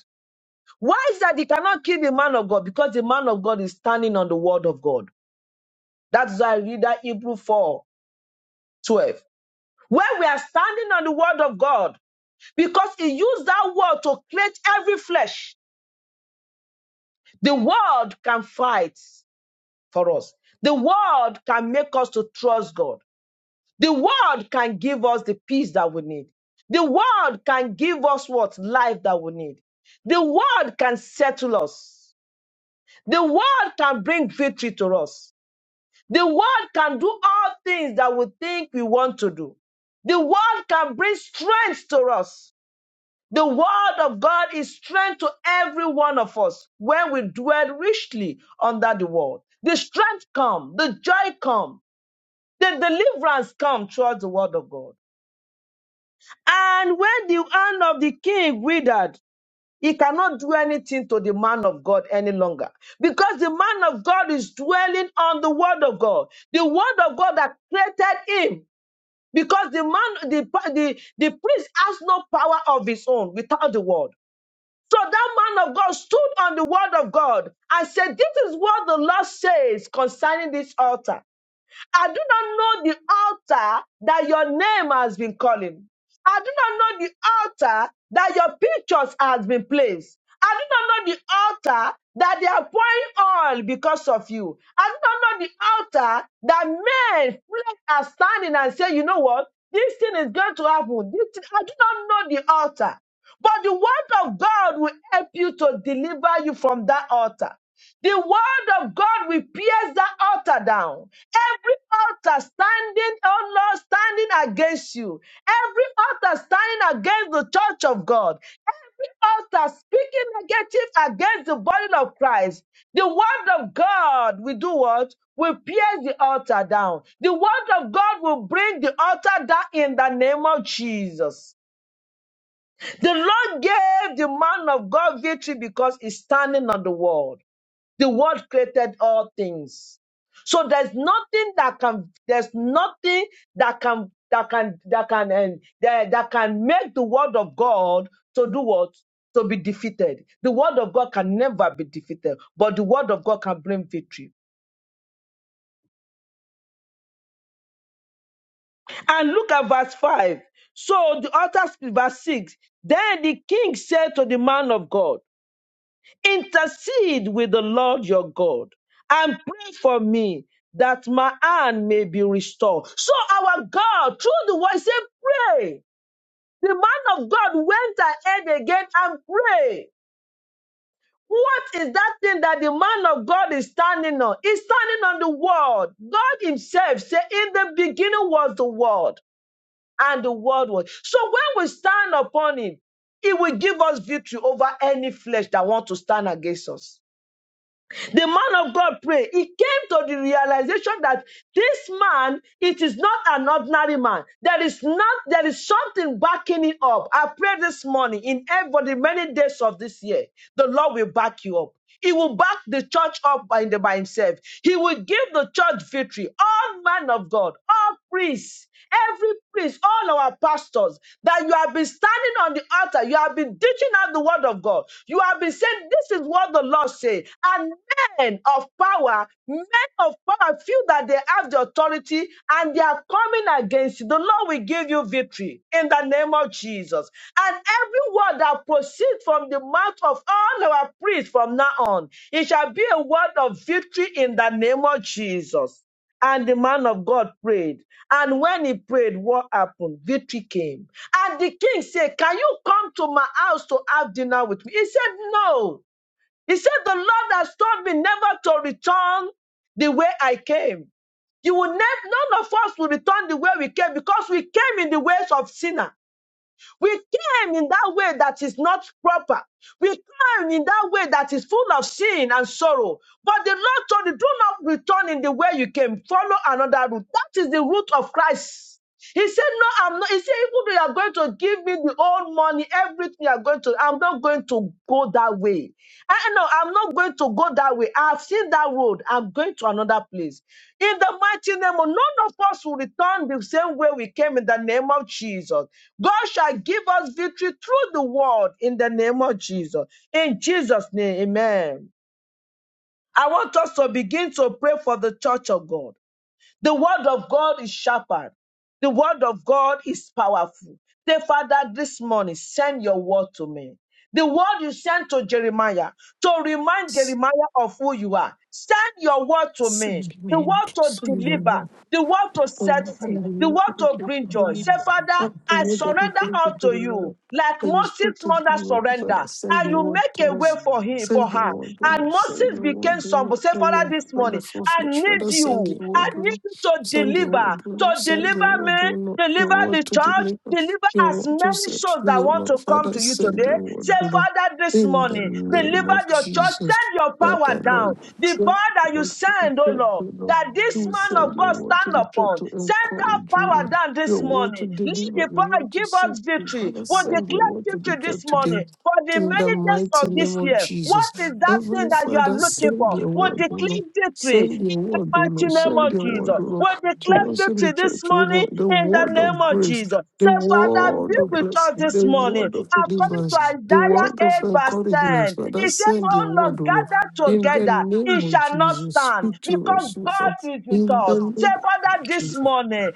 A: Why is that he cannot kill the man of God? Because the man of God is standing on the word of God. That's why I read that Hebrew 4 12. Where we are standing on the word of God, because he used that word to create every flesh. The word can fight. for us. The world can make us to trust God. The world can give us the peace that we need. The world can give us what life that we need. The world can settle us. The world can bring victory to us. The world can do all things that we think we want to do. The world can bring strength to us. The word of God is strength to every one of us when we dwell richly under the word. The strength come, the joy come, the deliverance come through the word of God. And when the hand of the king withered, he cannot do anything to the man of God any longer because the man of God is dwelling on the word of God, the word of God that created him. Because the man, the, the, the priest has no power of his own without the word. So that man of God stood on the word of God and said, This is what the Lord says concerning this altar. I do not know the altar that your name has been calling. I do not know the altar that your pictures has been placed. I do not know the altar that they are pouring oil because of you. I do not know the altar that men flesh are standing and say, you know what? This thing is going to happen. This thing, I do not know the altar. But the word of God will help you to deliver you from that altar. The word of God will pierce that altar down. Every altar standing, oh Lord, standing against you. Every altar standing against the church of God. Every altar speaking negative against the body of Christ. The word of God will do what? Will pierce the altar down. The word of God will bring the altar down in the name of Jesus. The Lord gave the man of God victory because he's standing on the word. The word created all things. So there's nothing that can there's nothing that can that can that can end that, that can make the word of God to do what? To be defeated. The word of God can never be defeated, but the word of God can bring victory. And look at verse 5. So the author verse 6. Then the king said to the man of God, Intercede with the Lord your God and pray for me that my hand may be restored. So our God, through the word, said, pray. The man of God went ahead again and prayed. What is that thing that the man of God is standing on? He's standing on the word. God himself said, in the beginning was the word and the word was. So when we stand upon him, he will give us victory over any flesh that want to stand against us. The man of God prayed. He came to the realization that this man, it is not an ordinary man. There is not, there is something backing it up. I pray this morning in every many days of this year, the Lord will back you up. He will back the church up by, by himself. He will give the church victory. All men of God, all priest, every priest, all our pastors, that you have been standing on the altar, you have been teaching out the word of God, you have been saying, This is what the Lord says. And men of power, men of power feel that they have the authority and they are coming against you. The Lord will give you victory in the name of Jesus. And every word that proceeds from the mouth of all our priests from now on, it shall be a word of victory in the name of Jesus. And the man of God prayed. And when he prayed, what happened? Victory came. And the king said, Can you come to my house to have dinner with me? He said, No. He said, The Lord has told me never to return the way I came. You will never, none of us will return the way we came because we came in the ways of sinner. We came in that way that is not proper. We came in that way that is full of sin and sorrow. But the Lord told you, do not return in the way you came. Follow another route. That is the route of Christ. He said, No, I'm not. He said, Even though you are going to give me the old money, everything you are going to, I'm not going going to go that way. I know I'm not going to go that way. I've seen that road. I'm going to another place. In the mighty name of none of us will return the same way we came in the name of Jesus. God shall give us victory through the word in the name of Jesus. In Jesus' name, amen. I want us to begin to pray for the church of God. The word of God is sharper. The word of God is powerful. Say, Father, this morning, send your word to me. The word you sent to Jeremiah to remind Jeremiah of who you are. Send your word to me.
B: Send
A: The
B: me,
A: word to
B: send me.
A: deliver. The word to
B: Up
A: set free. The
B: the
A: word to bring joy.
C: Thank
A: Say, Father, I
B: word that you
A: surrender
B: gave
A: all
B: to the
A: to
B: Lord,
A: you. Like
B: that you spoke
A: Moses'
B: to the
A: mother
B: Lord, Father,
A: surrender.
B: send
A: And
B: your
A: you
B: word
A: make a
B: to
A: way
B: us.
A: for him, for
B: Send your
A: her.
B: word, O Lord.
A: And
B: Send
A: Moses
B: your
A: became
B: word, O Lord.
A: somebody. Say,
B: That
A: Father,
B: you
A: this
B: are God
A: morning,
B: of all
A: I
B: flesh.
A: need
B: Father, send
A: you.
B: your
A: I
B: word, O
A: need
B: Lord.
A: you to
B: Send your
A: deliver.
B: word, O
A: To
B: Lord. Send your
A: deliver
B: word, O
A: me
B: Lord. Your
A: Deliver the
B: word to the
A: church.
B: neighbor.
A: Deliver
B: Your
A: as
B: word to
A: many
B: set
A: souls
B: free, O
A: that want
B: Lord.
A: to come
B: Father,
A: to you
B: send
A: today.
B: your
A: Say,
B: word, O Lord.
A: Father, this
B: In the
A: morning,
B: name
A: deliver
B: of
A: your church.
B: Jesus.
A: Send your power
B: Father,
A: down.
B: Lord,
A: The
B: send
A: power that
B: your
A: you
B: word to the
A: send, oh
B: church,
A: Lord,
B: O Lord.
A: that
B: You
A: this
B: will
A: man
B: send
A: of
B: your
A: God
B: word to
A: stand
B: the church
A: upon.
B: to
A: Send that
B: encourage, O
A: power
B: Lord.
A: down
B: Your
A: this
B: word to
A: morning. Lead
B: deliver,
A: the
B: your
A: power.
B: word to
A: Give
B: save.
A: us victory.
B: Father,
A: We'll
B: send your
A: declare
B: word to the
A: victory
B: church
A: this
B: today.
A: morning for the
B: In the
A: many days
B: mighty
A: of
B: name
A: this
B: of
A: year.
B: Jesus.
A: What is that thing
B: Heavenly
A: that you
B: Father,
A: are looking
B: send
A: for?
B: your
A: We'll
B: word, O Lord.
A: declare
B: Send
A: victory
B: your word, O
A: mighty
B: Lord.
A: name
B: Send
A: of
B: your word,
A: Jesus.
B: O Lord,
A: We declare
B: to us in the
A: victory this
B: church, O
A: morning
B: Lord. The
A: in the
B: word
A: name
B: of
A: of
B: grace,
A: Jesus.
B: the
A: Say, Father, be
B: word of
A: with us
B: blessing, the
A: this morning.
B: word of
A: According to
B: deliverance, the
A: Isaiah
B: word
A: 8,
B: of
A: verse
B: encouragement.
A: 10,
B: Father,
A: he said,
B: send your
A: All
B: word,
A: Lord,
B: O Lord.
A: gather
B: In the
A: together, it
B: name of
A: shall not
B: Jesus,
A: stand
B: speak to us,
A: because
B: O Lord.
A: God is with
B: In the
A: us. Say,
B: name of
A: Father, this
B: Jesus,
A: morning,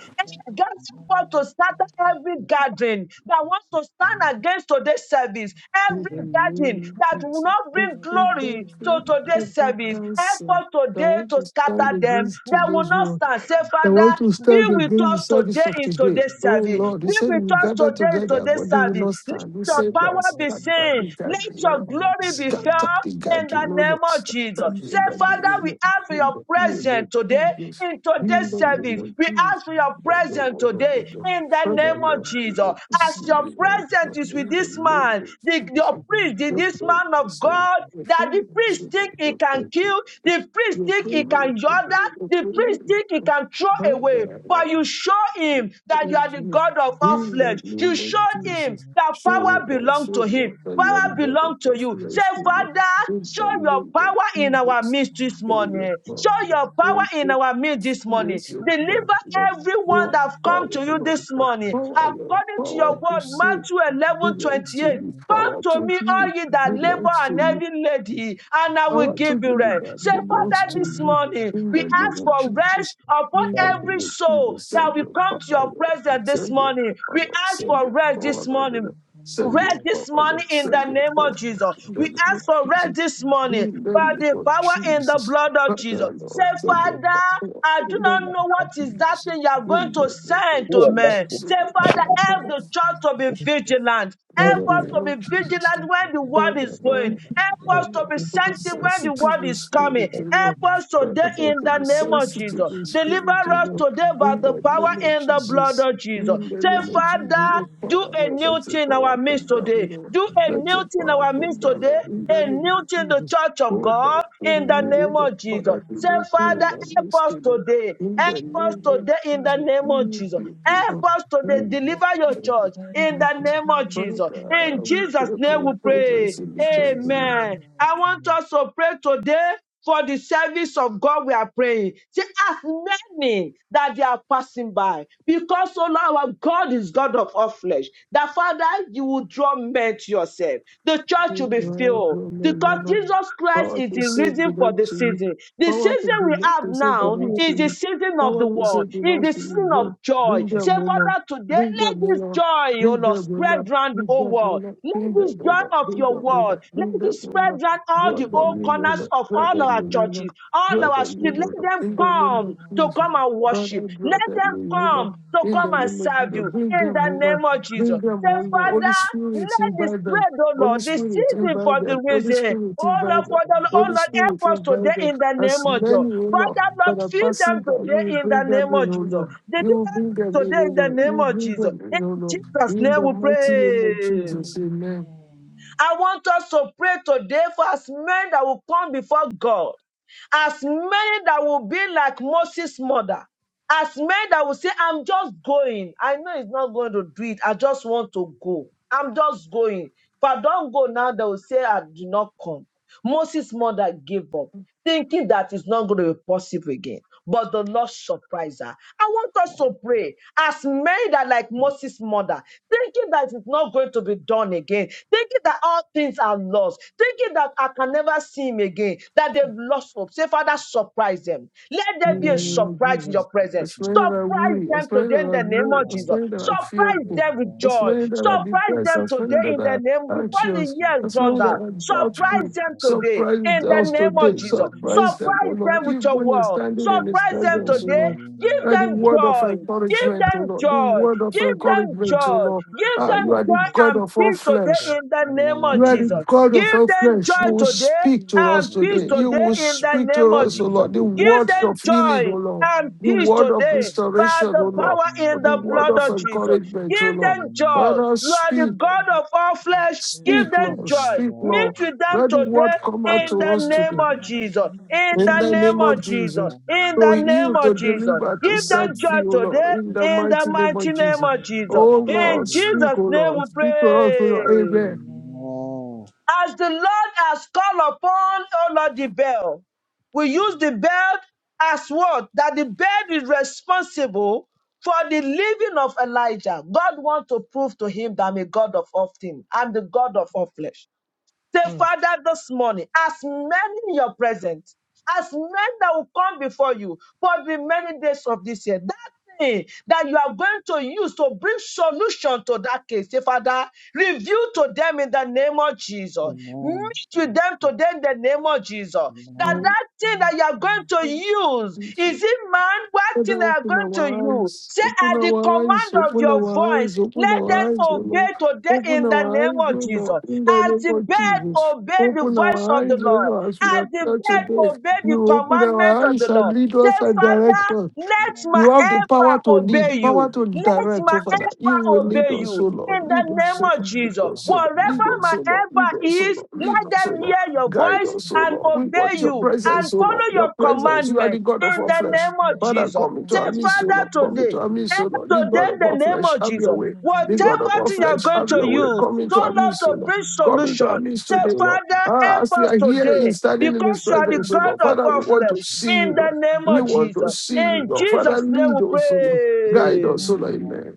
A: gather
D: Thank
A: forth to start every gathering that want to stand against today's service, Every
B: in the
A: every garden
B: name of
A: that will
B: Jesus,
A: not bring
B: every
A: glory to
B: devil,
A: today's
B: every
A: service, help
B: cancer
A: us
B: that
A: today
B: want
A: to
B: to stand
A: scatter them.
B: against
A: They will
B: today's
A: not
B: work.
A: stand. Say,
B: The word will
A: Father, be
B: stand
A: with
B: against the
A: us
B: service
A: today
B: of
A: in
B: today.
A: today's
B: Oh
A: service.
B: Lord, you
A: Be
B: said
A: with
B: you
A: us
B: gather
A: today in
B: together,
A: today's
B: but they will
A: service.
C: you.
B: not
A: Let
B: stand. You
A: your
B: said, Lord,
A: power be
C: But
B: scatter the
C: we
A: seen.
C: shall
A: Let
C: be
B: gathering, Lord.
A: your
C: scattered
A: glory
C: in
A: be
C: the
B: Scatter
C: moonlight.
A: felt
B: the
A: in
B: gathering,
A: the
B: oh
A: name
B: Lord.
A: of Jesus.
B: Scatter the
A: Say,
C: Usually we
B: gathering,
A: Father,
B: oh
A: we
C: shall
B: Lord.
C: be found
A: ask for
B: In
A: your
B: the name
A: presence
B: of
A: today
C: in
B: Jesus.
A: in
B: In
A: today's
B: the name
A: service.
B: of
A: We
B: Jesus.
A: ask for your
B: I don't
A: presence
B: want to
C: the
A: today
B: live, Lord.
C: name
A: in
C: of
A: the
C: Jesus.
B: Father,
A: name of
B: Lord,
C: Lord,
B: we
A: Jesus.
B: want to
C: I don't
A: As
B: see
C: know
A: your
C: if
B: you,
C: you
B: Lord.
C: have
A: presence
B: Lord,
C: heard
A: is
C: us
A: with
C: to
B: In
A: this
C: you.
B: the name
A: man,
B: of
A: the, your
B: Jesus.
C: In
A: priest,
C: the
A: the-
B: Your
C: name
A: this
C: of Father,
A: man of
B: presence, oh Lord.
A: God,
B: Your
A: that the
B: presence,
A: priest
B: oh
C: Lord,
A: think
B: Lord.
A: he
B: Your
A: can
B: presence.
A: kill, the priest
B: Your
A: think he
C: Father,
A: can
B: presence,
A: order,
B: Your
A: the priest think he
B: presence.
A: can
C: in the
A: throw away.
B: Father,
C: name
A: But
B: around
A: you show
B: you
A: him that you
B: Praise
A: are
C: of
A: the
C: Father,
B: you.
A: God
C: Lord,
A: of
C: Father,
A: all
B: In
C: my
B: the
A: flesh. You
B: name of
A: showed him
B: Jesus,
A: that
C: Lord, Father,
B: show
A: power
C: Lord,
B: us,
A: belongs to
B: O
C: Father, Lord,
B: Lord,
A: him.
C: Lord,
B: that you are the
A: Power
B: God of
A: belongs to you. Say,
B: consolation.
A: Father,
C: Jesus,
B: In
C: Father,
B: the
A: show
C: Lord, Father, Lord,
A: your
B: name of
A: power in our
B: Jesus,
A: midst this
C: Father,
B: show
C: show
B: your
A: morning.
C: your
B: power.
A: Show
C: power,
B: Lord.
C: in
A: your
C: my
B: One
C: life.
A: power in
B: thing
A: our midst
B: is
A: this morning.
B: your
C: i
B: power,
C: Father,
A: Deliver
C: show
B: Lord.
C: your
B: Your
A: everyone that
C: power,
A: have
C: Lord,
B: power,
A: come to
C: Father,
A: you
B: Lord.
A: this
B: Your
A: morning.
B: power, your
A: According to
C: Lord,
A: your
B: power to
C: Father,
A: word,
C: Lord,
B: save
A: Matthew
C: Father,
A: 11
C: Lord,
B: belongs
A: twenty
B: to
A: eight.
C: Lord,
B: you.
A: Come
B: Power
A: to
B: to
A: me,
B: heal
A: all ye
C: in
A: that
C: the name
B: belongs
A: labor
B: to
A: and
B: you.
A: heavy lady,
C: of
A: and I
B: I
C: Father,
A: will
C: my
B: want to
A: give
C: Lord,
B: give
A: you
B: you
C: Father,
A: rest.
B: that
A: Say,
C: Lord, Lord,
B: belongs
A: Father,
B: to
C: Jesus,
A: this
B: you
D: you.
A: morning
C: Father,
B: in
A: we
B: the
C: Lord,
B: name
A: ask
B: of
C: Father,
A: for
C: Lord,
B: Jesus.
A: rest upon
B: In
E: Who
B: the
A: every
B: name of
A: soul
B: Jesus,
A: that
B: send
A: will
B: your
A: come
B: power,
C: Jesus,
A: to your
B: Lord.
A: presence this
B: Send your
A: morning.
B: power,
A: We
B: Lord.
A: ask
B: Send
A: for
B: your
A: rest this
B: power, Lord.
A: morning.
B: Lord. Send your
A: Rest
B: power,
A: this
B: Lord.
A: morning in the
B: Send your
A: name
B: power,
A: of
B: Lord.
A: Jesus.
B: In the
A: We
B: name of
A: ask for
B: Jesus.
A: rest this morning
B: In the
A: by
B: name
A: the
B: of
A: power in the
B: Jesus.
A: blood of Jesus.
B: Father,
A: Say,
B: Lord, send your
A: Father,
B: power, Lord.
A: I do
B: In the
A: not
B: name
A: know what
B: of
A: is that
B: Jesus.
A: thing you are going
B: In
A: to
B: the name of
A: send to
E: that
B: Jesus.
A: men.
E: to
A: Say,
B: Send
A: Father,
B: your
A: help
B: power.
A: the church to be vigilant.
B: In
E: God
A: Help
E: who
B: the
A: us
E: will
B: name
A: to
B: of
A: be
B: Jesus,
A: vigilant when the word
B: Father,
A: is going.
B: Lord,
A: Help us to
B: Lord,
A: be
B: to be
A: sensitive when the
B: sensitive
A: word
B: in
A: is
B: spirit,
A: coming.
B: O
A: Help
B: Lord.
A: us
B: Father,
A: today in
B: Lord, to
A: the
B: be
A: name of
B: sensitive
A: Jesus.
B: in
A: Deliver
B: spirit, O
A: us
B: Lord.
A: today by
B: In
A: the
B: the
A: power
B: name of
A: in the blood
B: Jesus,
A: of Jesus.
B: in the
A: Say,
B: name of Jesus,
A: Father,
B: your
A: do
B: power,
A: a
B: Lord,
A: new
B: let your
A: thing in
B: power
A: our
B: come
A: midst
B: down,
A: today.
B: Lord.
A: Do a
B: Let
A: new
B: your
A: thing in
B: power
A: our
B: come
A: midst
B: down,
A: today.
B: Lord. In the
A: A
B: name
A: new thing in
B: of
A: the
B: Jesus,
A: church of
B: oh, Father,
A: God
B: we
A: in the
B: renew,
A: name
B: Lord.
A: of Jesus.
B: Father, we
A: Say, Father,
B: renew our
A: help us
B: mystery, Lord.
A: today.
B: In
A: Help
B: the
C: Hare
A: us
C: Krishna,
B: name of
A: today in the
B: Jesus,
C: Dear
A: name
B: we
C: Krishna,
A: of
B: renew,
A: Jesus.
B: the
A: Help
B: Lord.
A: us today.
B: In the
D: Thank
A: Deliver your
B: name
A: church in
B: of
A: the
B: Jesus.
A: name of Jesus.
C: Hare
B: Father,
A: In
B: we
C: Krishna,
A: Jesus'
B: pray for
A: name
C: Dear
B: your
A: we
B: presence
A: pray.
C: Krishna,
B: in the church.
C: Jesus,
B: in
A: Amen. I
C: Amen.
A: want us to pray today for the service of God we are praying. See as many that they are passing by, because all our God is God of all flesh. That Father, you will draw men to yourself. The
B: the
A: church will be
B: name of
A: filled.
B: the
A: Because
C: Amen.
B: Lord.
A: Jesus Christ
B: Power
A: is
B: to
A: the
B: save
A: reason for
B: belongs
A: the
B: to you.
A: season. The
B: Power to,
A: season we
B: be,
A: have
B: to save
A: now
B: belongs
E: surely
B: to
A: is the
B: you.
A: season of the
B: Power to
A: world,
B: save
A: is
B: belongs
A: the
B: to you.
A: season
B: But
A: of joy.
B: bring
E: reward
A: Say,
B: them, O Lord.
A: Father, today
B: Bring
A: let
B: them, O
A: this
B: Lord.
A: joy, oh
B: Bring them,
A: Lord,
B: O
A: spread
B: Lord.
A: round the
B: Bring
A: whole
B: them, O
A: world.
B: Lord.
A: Let
B: Bring
A: this
B: them, O
A: joy
B: Lord.
A: of
B: Bring
A: your
B: them, O
A: word,
C: Amen.
A: let
B: Lord. Bring
A: it
B: them, O
A: spread
B: Lord.
A: round all
B: Draw
A: the
B: them
A: old
C: Amen.
B: in, O
A: corners
B: Lord.
A: of
B: Draw
A: all
B: them in,
A: our
B: O Lord.
A: churches, all
B: Draw them
A: our streets.
B: in, O
C: Amen.
A: Let
B: Lord.
C: The
A: them
B: In the
C: church
B: name
C: now
A: come
B: of
C: all
A: to
B: Jesus.
A: come
C: free
A: and
C: from
B: Father,
A: worship.
B: draw
A: Let
B: them
A: them
C: in
B: in, O
C: the
B: Lord.
A: come
C: name of
A: to
B: In the
A: come
C: Jesus.
A: and
B: name of
A: serve
B: Jesus.
A: you
B: Bring
A: in
B: them, O
A: the
C: That
B: Lord.
A: name
C: is
A: of
C: all
B: Bring
A: Jesus.
C: good in
B: them,
C: the
A: Say,
B: O
C: name
B: Lord.
C: of
B: Holy
A: Father,
C: Jesus.
B: Spirit,
A: let
C: Oh,
A: this
B: invite them.
A: spread, oh
B: Holy
A: Lord, the
C: Father,
B: Spirit,
C: in the name
A: season
B: invite
A: for the
B: them. Holy
A: reason.
B: Spirit,
A: Oh
B: invite them.
A: Lord, Father,
C: of
A: oh
C: Father,
B: Holy
A: Lord, help
B: Spirit,
A: us
B: invite them.
A: today in the
B: As
A: name of Jesus.
B: many, O Lord,
C: good in
A: Father,
C: the
A: Lord,
B: that are
C: name of
A: feed
B: passing
A: them
B: by, you will
A: today in the
B: bring them
A: name of
B: in, O
C: God, and
A: Jesus.
B: Lord.
C: of
B: You
C: God,
B: will
A: Deliver
C: in the
B: bring
C: name of
B: them
A: us
B: in,
A: today
B: O
A: in
C: Jesus.
A: the
B: Lord. You
A: name
B: will
A: of
B: bring
A: Jesus.
B: them
A: In
B: in,
C: Oh,
B: O Lord.
C: Father, in
A: Jesus'
C: the
B: In
A: name
B: the
A: we
B: mighty name of
A: pray.
B: Jesus,
C: name.
B: amen.
C: Amen.
A: I want us to pray today for as many that will come before God, as many that will be like Moses' mother, as many that will say, I'm just going. I know it's not going to do it. I just want to go. I'm just going. If I don't go now, they will say I did not come. Moses' mother gave up, thinking that it's not going to be possible again. But the Lord surprised her. I want us to pray as many that, like Moses' mother, thinking that it's not going to be done again, thinking that all things are lost, thinking that I can never see him again, that they've lost hope. Say, Father, surprise them. Let there be a surprise in your
B: Jesus, A
A: presence.
B: slain that are
A: Surprise
B: weary, a
A: them
B: slain that
A: today in
B: are
A: the name
B: low,
A: of
B: a
A: Jesus.
B: slain that are
C: That
A: Surprise
C: is
B: fearful,
C: all
A: them with
B: a
C: good
A: joy.
C: in
B: slain
C: the
B: that are
C: name of
A: Surprise
B: depressed,
A: them
B: a slain
A: today
B: that
A: in the
B: are
A: name, before the
C: Thank
B: anxious,
C: you.
A: year is
B: a
A: done
B: slain
A: down.
B: that are doubtful.
A: Surprise them today in
B: Surprise
A: the
B: us
A: name of
B: today,
A: Jesus.
B: surprise
D: you.
B: them, oh
A: Surprise
B: Lord,
A: them with
D: Amen.
A: your
B: even in
A: word.
B: standing in His
A: Surprise them
B: presence, oh
A: today.
B: Lord.
A: Give
B: That the
A: them
D: Amen.
B: word of
A: joy. Give
B: encouragement, oh
A: them
B: Lord, the
A: joy.
B: word of
A: Give them
B: encouragement, oh
A: joy.
B: Lord.
A: Give
B: Ah, you
A: them
B: are the
A: joy
B: God
A: and
B: of all
A: peace
B: flesh.
A: today in the name of
B: You are the
A: Jesus.
B: God of
A: Give
B: all
A: them
B: flesh.
A: joy
B: You will
A: today
B: speak to us
A: and peace
B: today. You
A: today
B: will
A: in the
B: speak
A: name
B: to
A: of
B: us, O
A: Jesus.
B: Lord. The
A: Give
B: word of
A: them
B: healing, O
A: joy
B: Lord.
A: and
B: The
A: peace
B: word of
A: today by
B: restoration, O
A: the
B: Lord.
A: power in
B: The
A: the
B: word
A: blood
B: of
A: of Jesus.
B: encouragement, O
A: Give
B: Lord.
A: them joy.
D: Amen.
B: Father,
A: You are the
B: speak.
A: God of all flesh. Give
B: Speak,
A: them
B: Lord.
A: joy.
B: Speak,
A: Meet
B: Lord.
A: with them
B: Let the word
A: today
B: come out
A: in
B: to
A: the
B: us
A: name
B: today.
A: of Jesus. In
B: In
A: the
B: the
A: name
B: name of
A: of Jesus.
B: Jesus.
A: In
B: To
A: the
C: Then join,
A: name
B: heal, to
A: of
C: then I thank
A: Jesus.
B: deliver, to
A: Give
B: set
C: you,
A: them joy
B: free, O
A: today
B: Lord. In the
A: in the
B: mighty
C: then
B: name
A: mighty
B: of
C: join
A: name
B: Jesus.
C: in
A: of
C: the
A: Jesus.
C: name
B: Oh
C: of
A: In
B: Lord,
C: Jesus.
B: speak,
A: Jesus'
B: O
A: name we
B: Lord. Speak to us,
C: Amen.
B: O Lord.
C: you.
A: pray.
B: Amen.
C: Amen.
A: As the Lord has called upon, O Lord, the bell, we use the bell as what? That the bell is responsible for the living of Elijah. God wants to prove to him that I'm a God of all things. I'm the God of all flesh. Say,
E: you.
A: Father, this morning, as many in your presence, as men that will come before you for the many days of this year, that thing that you are going to use to bring solution to that case, say, Father, reveal to them in the name of Jesus.
C: Thank you.
A: Meet with them today in the name of Jesus. That that thing
C: Thank
A: that you are going
C: you.
A: to use,
B: Amen.
A: is it man? What thing
B: Father,
A: they are
B: open
A: going to
B: our
A: use?
B: eyes,
A: Say,
B: open
A: at the
B: our eyes,
A: command of
B: open
A: your
B: our
A: voice voice.
B: eyes, open
A: Let them
B: our eyes, O
A: obey
B: Lord.
A: today
B: Open
A: in the
B: our
A: name
B: eyes, O
A: of Jesus.
B: Lord, in the
A: As
B: name
A: the
B: of
A: bird
B: Jesus.
A: obey the
B: Open
A: voice
B: our
A: of the
B: eyes, O
A: Lord,
B: Lord, as we
A: as the
B: appear today.
A: bird obey the
B: You open
A: commandment
B: our
A: of the
B: eyes and
A: Lord.
B: lead
A: Say,
B: us and direct
A: Father,
B: us.
A: let my
B: You
D: Amen.
B: have the power to
A: helper
C: We
B: lead,
A: obey
C: thank
B: power
A: you.
C: you,
B: to
D: Thank
A: Let
C: worship
B: direct,
A: my
B: oh
C: us, Lord.
B: Father. You will
A: helper
B: lead
A: obey
B: us, O
A: you.
C: Hallelujah.
B: Lord.
A: In
B: Lead
A: the
B: us,
A: name
B: O
C: Glory
B: Lord.
A: of
C: be to our
B: Lead
A: Jesus.
B: us, O
C: God
B: Lord.
C: in the
B: Lead
A: Wherever
C: name
B: us,
A: my
B: O
C: of
B: Lord. Lead
A: helper
B: us, O
A: is,
B: Lord. Lead
A: let
C: Hallelujah,
B: us, O
A: them
B: Lord.
C: Lord
A: hear
C: God.
A: your
B: Guide
A: voice
B: us,
C: Yes.
B: O
A: and
B: Lord. We want
A: obey
C: We
B: your
A: you
C: will really
A: and
B: presence, O Lord.
A: follow
C: worship.
B: Your
A: your
B: presence. You are the
A: commandment.
B: God of
A: In
B: our
C: That
A: the
C: is the
B: flesh.
A: name
C: day
A: of
C: we
B: Father,
A: Jesus.
B: come
C: glorify
B: into
A: Say,
B: our
C: your
B: midst, O
A: Father,
B: Lord. Come
C: commandments in
A: today,
B: into our
C: the
B: midst,
C: name
B: O
C: of
B: Lord. The
A: Today,
B: God
C: Jesus.
B: of our
A: in the name
B: flesh,
A: of
B: have your
A: Jesus,
B: way.
C: Hallelujah,
B: The God of
A: whatever
B: our
C: hallelujah,
A: thing you're
B: flesh,
A: going
B: have
A: to
B: your way.
C: hallelujah.
A: use,
B: Come
A: so
B: into our
A: not
B: midst, O
A: to
C: In
B: Lord.
A: bring
C: the name
B: Come
C: of
B: into our
A: solution.
B: midst
A: Say,
B: today, O
C: Jesus.
B: Lord.
A: Father,
B: Ah,
A: help
B: as we
A: us
B: are
C: Thank you,
B: here
C: Lord,
B: in
A: today
C: for
B: standing in His
A: because you
C: worship.
A: are the
B: presence, O Lord.
A: God of
B: Father, we
A: all
B: want
A: flesh.
B: to
C: Amen.
B: see
A: In
B: you, Lord.
A: the
C: Father,
A: name
B: We
A: of
B: want to
A: Jesus.
B: see you,
A: In
D: you.
B: Lord. Father,
A: Jesus' name
B: lead
A: we
B: us, O Lord. Guide
A: pray.
B: us, O Lord. Amen.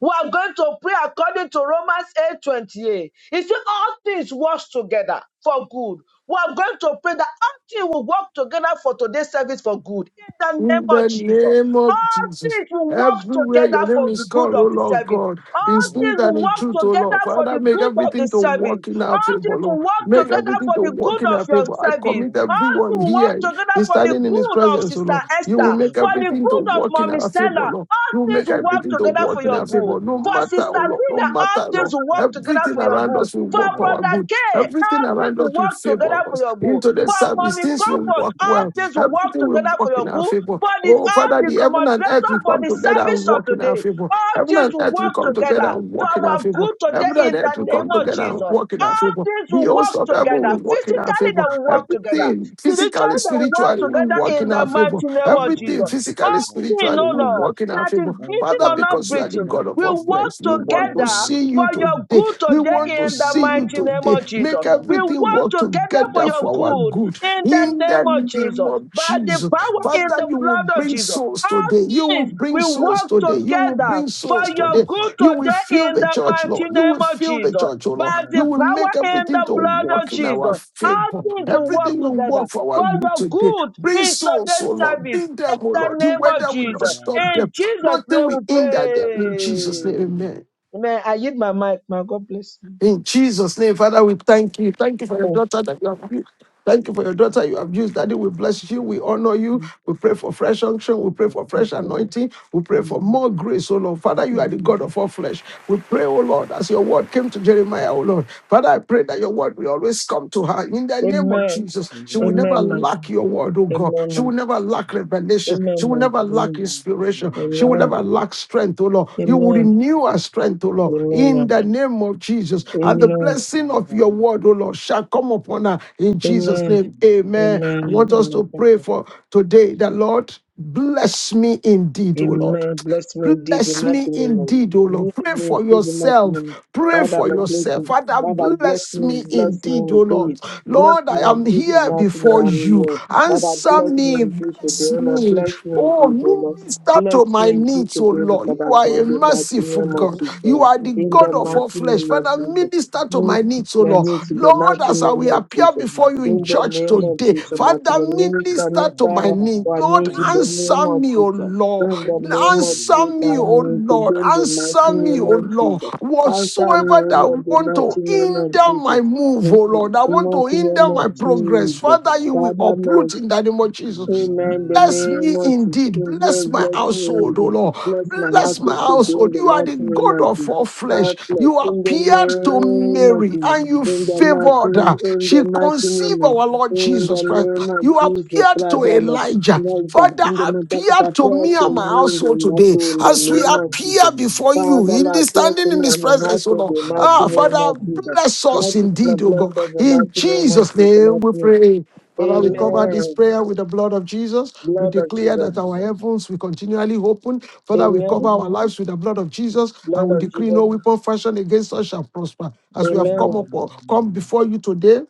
A: We are going to pray according to Romans eight twenty eight. 28. It says, All things work together for good. We are going to pray that all things will work together for today's service for good. In the name
B: in
A: of
B: the
A: Jesus.
B: name of
A: All
B: Jesus.
A: things will work
B: Everywhere your
A: together
B: name
A: for the
B: is
A: good
B: called, oh
A: of the
B: Lord
A: service.
B: God, in
A: All things
B: spirit
A: will
B: and in
A: work
B: truth, oh Lord.
A: together for
B: Father,
A: the
B: make
A: good of the
B: everything to
A: service.
B: work in our
A: All
B: favor,
A: things will
B: Lord.
A: work
B: Make
A: together
B: everything
A: for
B: to
A: the good
B: work in
A: of
B: our
A: your
B: favor. I
A: service.
B: commit
A: All to
B: everyone
A: work
B: here
A: together
B: in
A: for the
B: standing in his
A: good of
B: presence, oh
A: Sister
B: Lord. You will
A: Esther,
B: make
A: for the
B: everything to
A: good of
B: work in
A: Mommy
B: our favor,
A: Stella.
B: Lord.
A: All
B: You will
A: things
B: make
A: will work
B: everything to
A: together
B: work
A: for
B: in
A: your
B: our
A: good.
B: favor, no
A: For
B: matter,
A: Sister
B: oh Lord, no
A: Nina, all
B: matter,
A: things
B: Lord.
A: will work together
B: Everything
A: for your
B: around
A: good.
B: us will
A: For
B: work for our
A: Brother
B: good.
A: K,
B: Everything
A: all things
B: around us
A: will
B: will
A: work
B: favor
A: together for
B: us.
A: your good.
B: Into the
A: For
B: service,
A: Mommy
B: things will
A: Comfort,
B: work
A: all
B: well
A: things will work
B: Everything will
A: together
B: work
A: for
B: in
A: your
B: our
A: good.
B: favor.
A: For the
B: Oh,
A: all
B: Father, the
A: the
B: heaven and earth
A: moderator,
B: will
A: for
B: come
A: the
B: together and
A: service of
B: work in our
A: today,
B: favor.
A: all
B: Heaven
A: things
D: Thank
B: and
D: you.
A: will
B: earth will
A: work
B: come together
A: together
B: and
A: to
B: work in our
A: our
B: favor.
A: good
B: Heaven
A: today
B: and
A: in the
B: earth will
A: name
B: come
A: of
B: together
A: Jesus.
B: and work in our
A: All
B: favor.
A: things
B: The
A: will
B: host
A: work
B: of heaven will
A: together.
B: work in our
A: Physically, they
B: favor.
A: will work together.
B: Everything, physically,
A: Spiritually, they will work
B: spiritually, will
A: together
B: work
A: in
B: in
A: the
B: our favor.
A: mighty name of
B: Everything,
A: Jesus.
B: physically,
A: All things,
B: spiritually,
A: no,
B: will
A: no,
B: work in our
A: that is
B: favor.
A: breathing
B: Father,
A: or not
B: because you are the
A: breathing,
B: God of all
A: will work
B: flesh, we want to
A: together
B: see
A: for
B: you
A: your
B: today.
A: good
B: We want
A: today
B: to
A: in the
B: see you
A: mighty name
B: today.
A: of Jesus.
B: Make
A: We
B: everything
A: work
B: work
A: together for
B: together
A: your
B: for our
A: good
B: good
A: in the
B: in the
A: name of
B: name
A: Jesus.
B: of
A: By the
B: Jesus.
A: power in
B: Father,
A: the
B: you will
A: blood of
B: bring
A: Jesus
B: souls
A: all
B: today. You will
A: things
B: bring
A: will
B: souls
A: work
B: today. You will
A: together
B: bring
A: for
B: souls
A: your
B: today.
A: good
B: You will
A: today
B: fill
A: in
B: the
A: the
B: church,
A: mighty
B: Lord. You
A: name
B: will
A: of
B: fill the
A: Jesus.
B: church, oh Lord.
A: By
B: You
A: the
B: will make
A: power in
B: everything
A: the
B: to
A: blood of
B: work in
A: Jesus,
B: our
A: all
B: favor.
A: things will work
B: Everything will work
A: together
B: for our
A: for
B: good
A: your
B: today.
A: good
B: Bring
A: in
B: souls,
A: today's
B: oh Lord.
A: service
B: Bring them,
A: in
B: oh
A: the
B: Lord. The
A: name of
B: weather will not
A: Jesus.
B: stop
A: In
B: them.
A: Jesus'
B: Nothing
A: name
B: will
A: we
B: hinder them. In
A: pray.
B: Jesus' name, amen.
A: Amen. I yield my mic. My God bless you.
B: In Jesus' name, Father, we thank you. Thank you for your
A: Thank
B: daughter that you have used. Thank you for your daughter you have used. Daddy, we bless you. We honor you.
A: you.
B: We pray for fresh unction. We pray for
A: Thank
B: fresh anointing. We pray for
A: you.
B: more grace, oh Lord. Father, you are the
A: Amen.
B: God of all flesh. We pray, oh Lord, as your word came to Jeremiah, oh Lord. Father, I pray that your word will always come to her. In the name of
A: Amen. Amen.
B: Jesus, she will never
A: Amen. ma'am.
B: lack your word, oh God.
A: Amen.
B: She will
A: ma'am.
B: never lack revelation.
A: Amen.
B: She
D: Thank
B: will
A: ma'am.
B: never lack inspiration. She will
A: Amen.
B: never lack strength, oh Lord. You will
A: Amen.
B: renew her strength, oh Lord. In
A: Amen.
B: the name of Jesus. And the
A: Amen.
B: blessing of your word, oh Lord, shall come upon her in Jesus'
A: Amen.
B: name. Amen. I
A: Amen.
B: want us to
A: Amen.
B: pray
A: Thank
B: pray
A: you.
B: for today that, Lord, bless me indeed, O Lord.
A: Amen. Bless me indeed, the
B: Bless
A: mighty
B: me
A: name of
B: indeed, O Lord.
A: Bless
B: Pray
A: me
B: for
A: indeed, the mighty name of
B: yourself. Pray
A: Father,
B: for
A: my
B: yourself.
A: blessing.
B: Father,
A: Father, bless
B: bless
A: me,
B: me
A: bless me
B: indeed, O Lord.
A: indeed.
C: bless
A: Bless
B: Lord,
C: me
B: I
A: me
B: am
A: indeed, the
C: indeed,
B: here
C: O
A: mighty name
B: before
A: i
C: God.
B: you.
A: here.
C: That the
A: Father,
B: Answer
A: bless
C: blessing
A: me
C: to
B: me
C: my
A: indeed, to
B: bless
A: the
C: generation that you
A: Lord.
C: have
B: me.
C: done
A: Bless me
B: Oh,
A: indeed, the Lord.
B: minister
C: indeed
A: Bless
B: to my
A: me
C: very
A: indeed,
C: much.
B: needs,
A: to the
B: oh
C: You
A: Lord,
B: Lord. You
A: Father
B: are a
A: God, the
C: have
A: mighty
B: merciful
A: name of
B: God.
C: ransomed
B: You
A: Jesus.
B: are the
A: In the
B: God of all
A: mighty
C: the
B: flesh.
A: name of
B: Father,
A: Jesus.
B: minister
C: generation.
B: to my
A: Minister,
B: needs, oh Lord.
A: in the
B: Lord,
A: mighty
B: as I
A: name
B: will
A: of
B: appear
A: Jesus.
B: before you in
A: In the
B: church
A: name of
B: today,
A: Jesus, mighty
B: Father,
A: name. Minister,
B: minister to my
A: minister,
B: needs.
A: I
C: I
B: Lord,
C: am
A: need in the
C: not
A: name
B: answer
A: of
B: me, oh
A: Jesus.
B: Lord.
A: In the
C: content
A: name
C: with
A: of
B: Answer
A: Jesus,
C: that.
A: I
B: me, oh
A: mean,
B: Lord.
A: today in the
C: So, I
B: Answer
A: mighty
B: me,
A: name
B: oh
A: of
B: Lord.
A: Jesus. Answer me,
B: Whatsoever
A: O
B: that
A: Lord, the
B: want to
A: mighty name of
B: hinder
A: Jesus.
B: my move,
A: In
B: oh
A: the
B: Lord, I want to
A: mighty
C: have a
A: name
B: hinder
A: of
B: my
C: perfect
B: progress.
A: Jesus.
B: Father, you will
A: Father, my
B: uproot in the name of Jesus.
C: angel.
A: Amen. The
B: Bless
A: name
B: me
A: of Jesus.
B: indeed.
A: And Bless,
B: Bless my
A: bless me,
B: household, O
A: indeed.
B: Lord.
A: Bless my
B: Bless my
A: husband to be in
B: household.
A: the
B: You are
A: mighty
B: the
A: name
B: God
A: of
B: of
A: Jesus.
B: all flesh.
A: God bless.
B: You
A: In
C: I am
A: the
C: blessed
B: appeared
C: with
B: to
C: that.
A: name of
B: Mary
A: Jesus.
B: and you
A: In the
C: Amen.
A: mighty,
B: favored
C: Blood
B: her.
A: in
B: She
A: the mighty
B: conceived
A: name. of-
C: of
B: our Lord
A: In
B: Jesus
A: the
C: Jesus.
B: Christ.
A: name of
B: You
A: Jesus.
B: appeared
A: Father,
B: to
A: Lord.
B: Elijah.
A: Lord
C: Amen. Blood
A: God,
C: of
B: Father,
A: In the name
C: Jesus.
B: appear
A: of
B: to
A: prayer
B: me
A: to
B: and my
D: you.
A: me, in the
B: household today
A: mighty, in the
B: as we
D: Amen.
A: name of
B: appear
A: Jesus.
B: before
A: Father,
B: you in
A: Lord,
B: this
A: appear
B: standing
A: to
B: in
A: me
B: his
A: and my
B: presence, O
A: husband, in
B: Lord.
A: the mighty
B: Ah,
D: Amen.
A: name of
B: Father,
D: Amen.
A: Jesus.
B: bless us
A: That is my
B: indeed, O God.
A: blessed in the
B: In
A: mighty name of
B: Jesus'
A: Jesus.
B: name
A: Mighty
B: we
A: name.
B: pray. Father, we cover this
A: Amen.
B: prayer with the blood of Jesus. We
A: Blood of
B: declare
A: Jesus.
B: that our heavens will continually open. Father, we cover
A: Amen.
B: our lives with the blood of Jesus and
A: Lord
B: we
A: of
B: decree
A: Jesus.
B: no weapon fashioned against us shall prosper. As we have come
A: Amen.
C: Amen.
B: up, come before you today,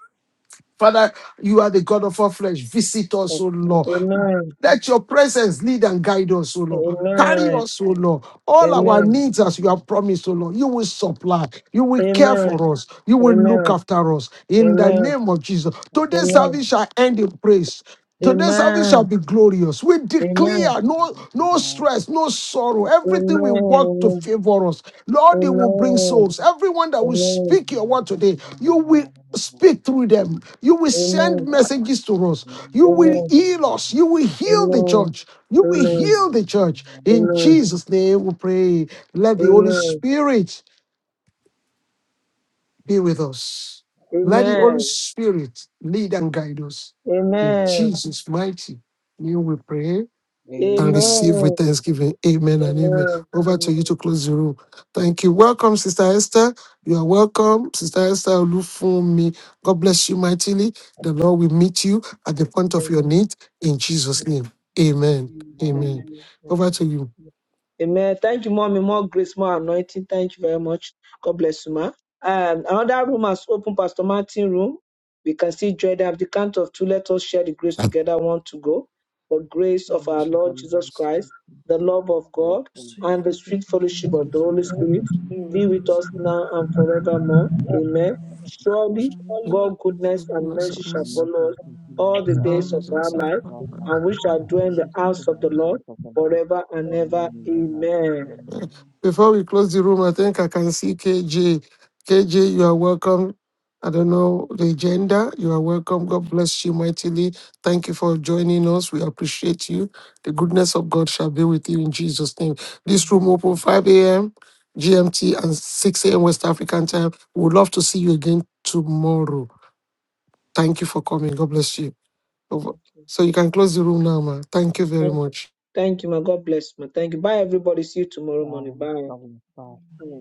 B: Father, you are the God of all flesh. Visit us, O Lord.
A: Amen.
B: Let your presence lead and guide us, O Lord.
C: Amen.
B: Carry
A: Amen.
B: us, O Lord. All our
A: Amen.
B: needs as you have promised, O Lord. You will supply. You will care
A: Amen.
B: for us. You will
D: Yes.
B: look
A: Amen.
B: after us. In the
A: Amen.
B: name of Jesus. Today's
D: Amen.
A: Amen.
B: service
D: Amen.
B: shall end in praise. Today's service shall
A: Amen.
B: be glorious. We
A: Amen.
B: declare no, no
D: Amen.
B: stress, no sorrow. Everything will work to favor us. Lord, it will bring
A: Amen. Amen.
B: souls. Everyone that will
A: Amen.
B: speak your word today, you will Speak through them. You will send
A: Amen.
B: messages to us. You will
A: Amen. Amen.
B: heal us. You will heal the
A: Amen.
B: church. You will heal the church. In
A: Amen. Amen.
B: Jesus' name we pray. Let the Holy
A: Amen.
B: Spirit be with us. Let the Holy Spirit lead and guide us. In
A: Amen.
B: Jesus' mighty name we pray
A: Amen.
B: and receive with thanksgiving. Amen and
A: Amen.
B: amen. Over to you to close the room. Thank you. Welcome, Sister Esther. You are welcome, Sister Esther Olufumi. God bless you mightily. The Lord will meet you at the point of your need in Jesus'
A: Amen. Amen.
B: name. Amen. Amen.
A: amen,
B: Over to
A: Amen. Thank you, mommy. More grace, more anointing. Thank you very much. God bless you, ma. Um, another room has opened, Pastor Martin room. We can see Jordan at the count of two. Let us share the grace together. One to go. The
D: Take
A: grace
D: care
A: of
D: of the Lord. Take care of
A: our
D: the
A: Lord
D: Lord.
A: Jesus Christ, the love of God,
C: Sweet
A: and the
C: fellowship
A: sweet
C: of the
A: fellowship
C: Holy
A: of the Holy
C: Spirit.
A: Spirit
E: He will
A: be with
C: Because
A: us now
C: now
A: and
D: Take
C: and forevermore.
A: forevermore.
D: care of
A: Amen.
D: the Lord.
A: Surely
C: Hello,
B: you.
E: surely
A: God's
C: those
A: goodness
C: who have
A: and
C: the
A: mercy shall
D: and
C: mercy shall
A: follow
D: mercy
A: us
D: is
A: all
D: known
A: the
D: to all
A: days
C: all
A: of
C: the
D: the
A: our
C: days
D: children
C: of
A: life,
C: our
D: of our
B: [laughs]
D: life,
C: lives,
A: and we shall
C: and
A: dwell
C: we
A: in the
C: shall do
D: mercy to
C: in
A: house
D: her
A: of
C: the
A: the
D: and
C: house
A: Lord
C: of
D: house of the Lord,
A: forever
C: the
A: and
D: and
E: reward
C: Father
D: the one
A: ever.
D: we
C: and
D: love,
C: ever.
D: and
A: Amen.
D: the one
C: Amen.
B: Before we close the room, I think I can see KJ. KJ, you are welcome. I don't know the agenda. You are welcome. God bless you mightily. Thank you for joining us. We appreciate you. The goodness of God shall be with you in Jesus' name. This
C: Amen.
D: we
B: room
D: love,
B: open
D: and
B: 5 a.m. GMT and 6 a.m. West African time. We would love to see you again tomorrow. Thank you for coming. God bless you. Over.
A: Thank you.
B: So you can close the room now, ma. Thank you very
A: Thank you.
B: much.
A: Thank you, my God bless, ma. Thank you. Bye, everybody. See you tomorrow
D: the
A: morning.
D: one
A: Bye.
D: we love,
A: Bye.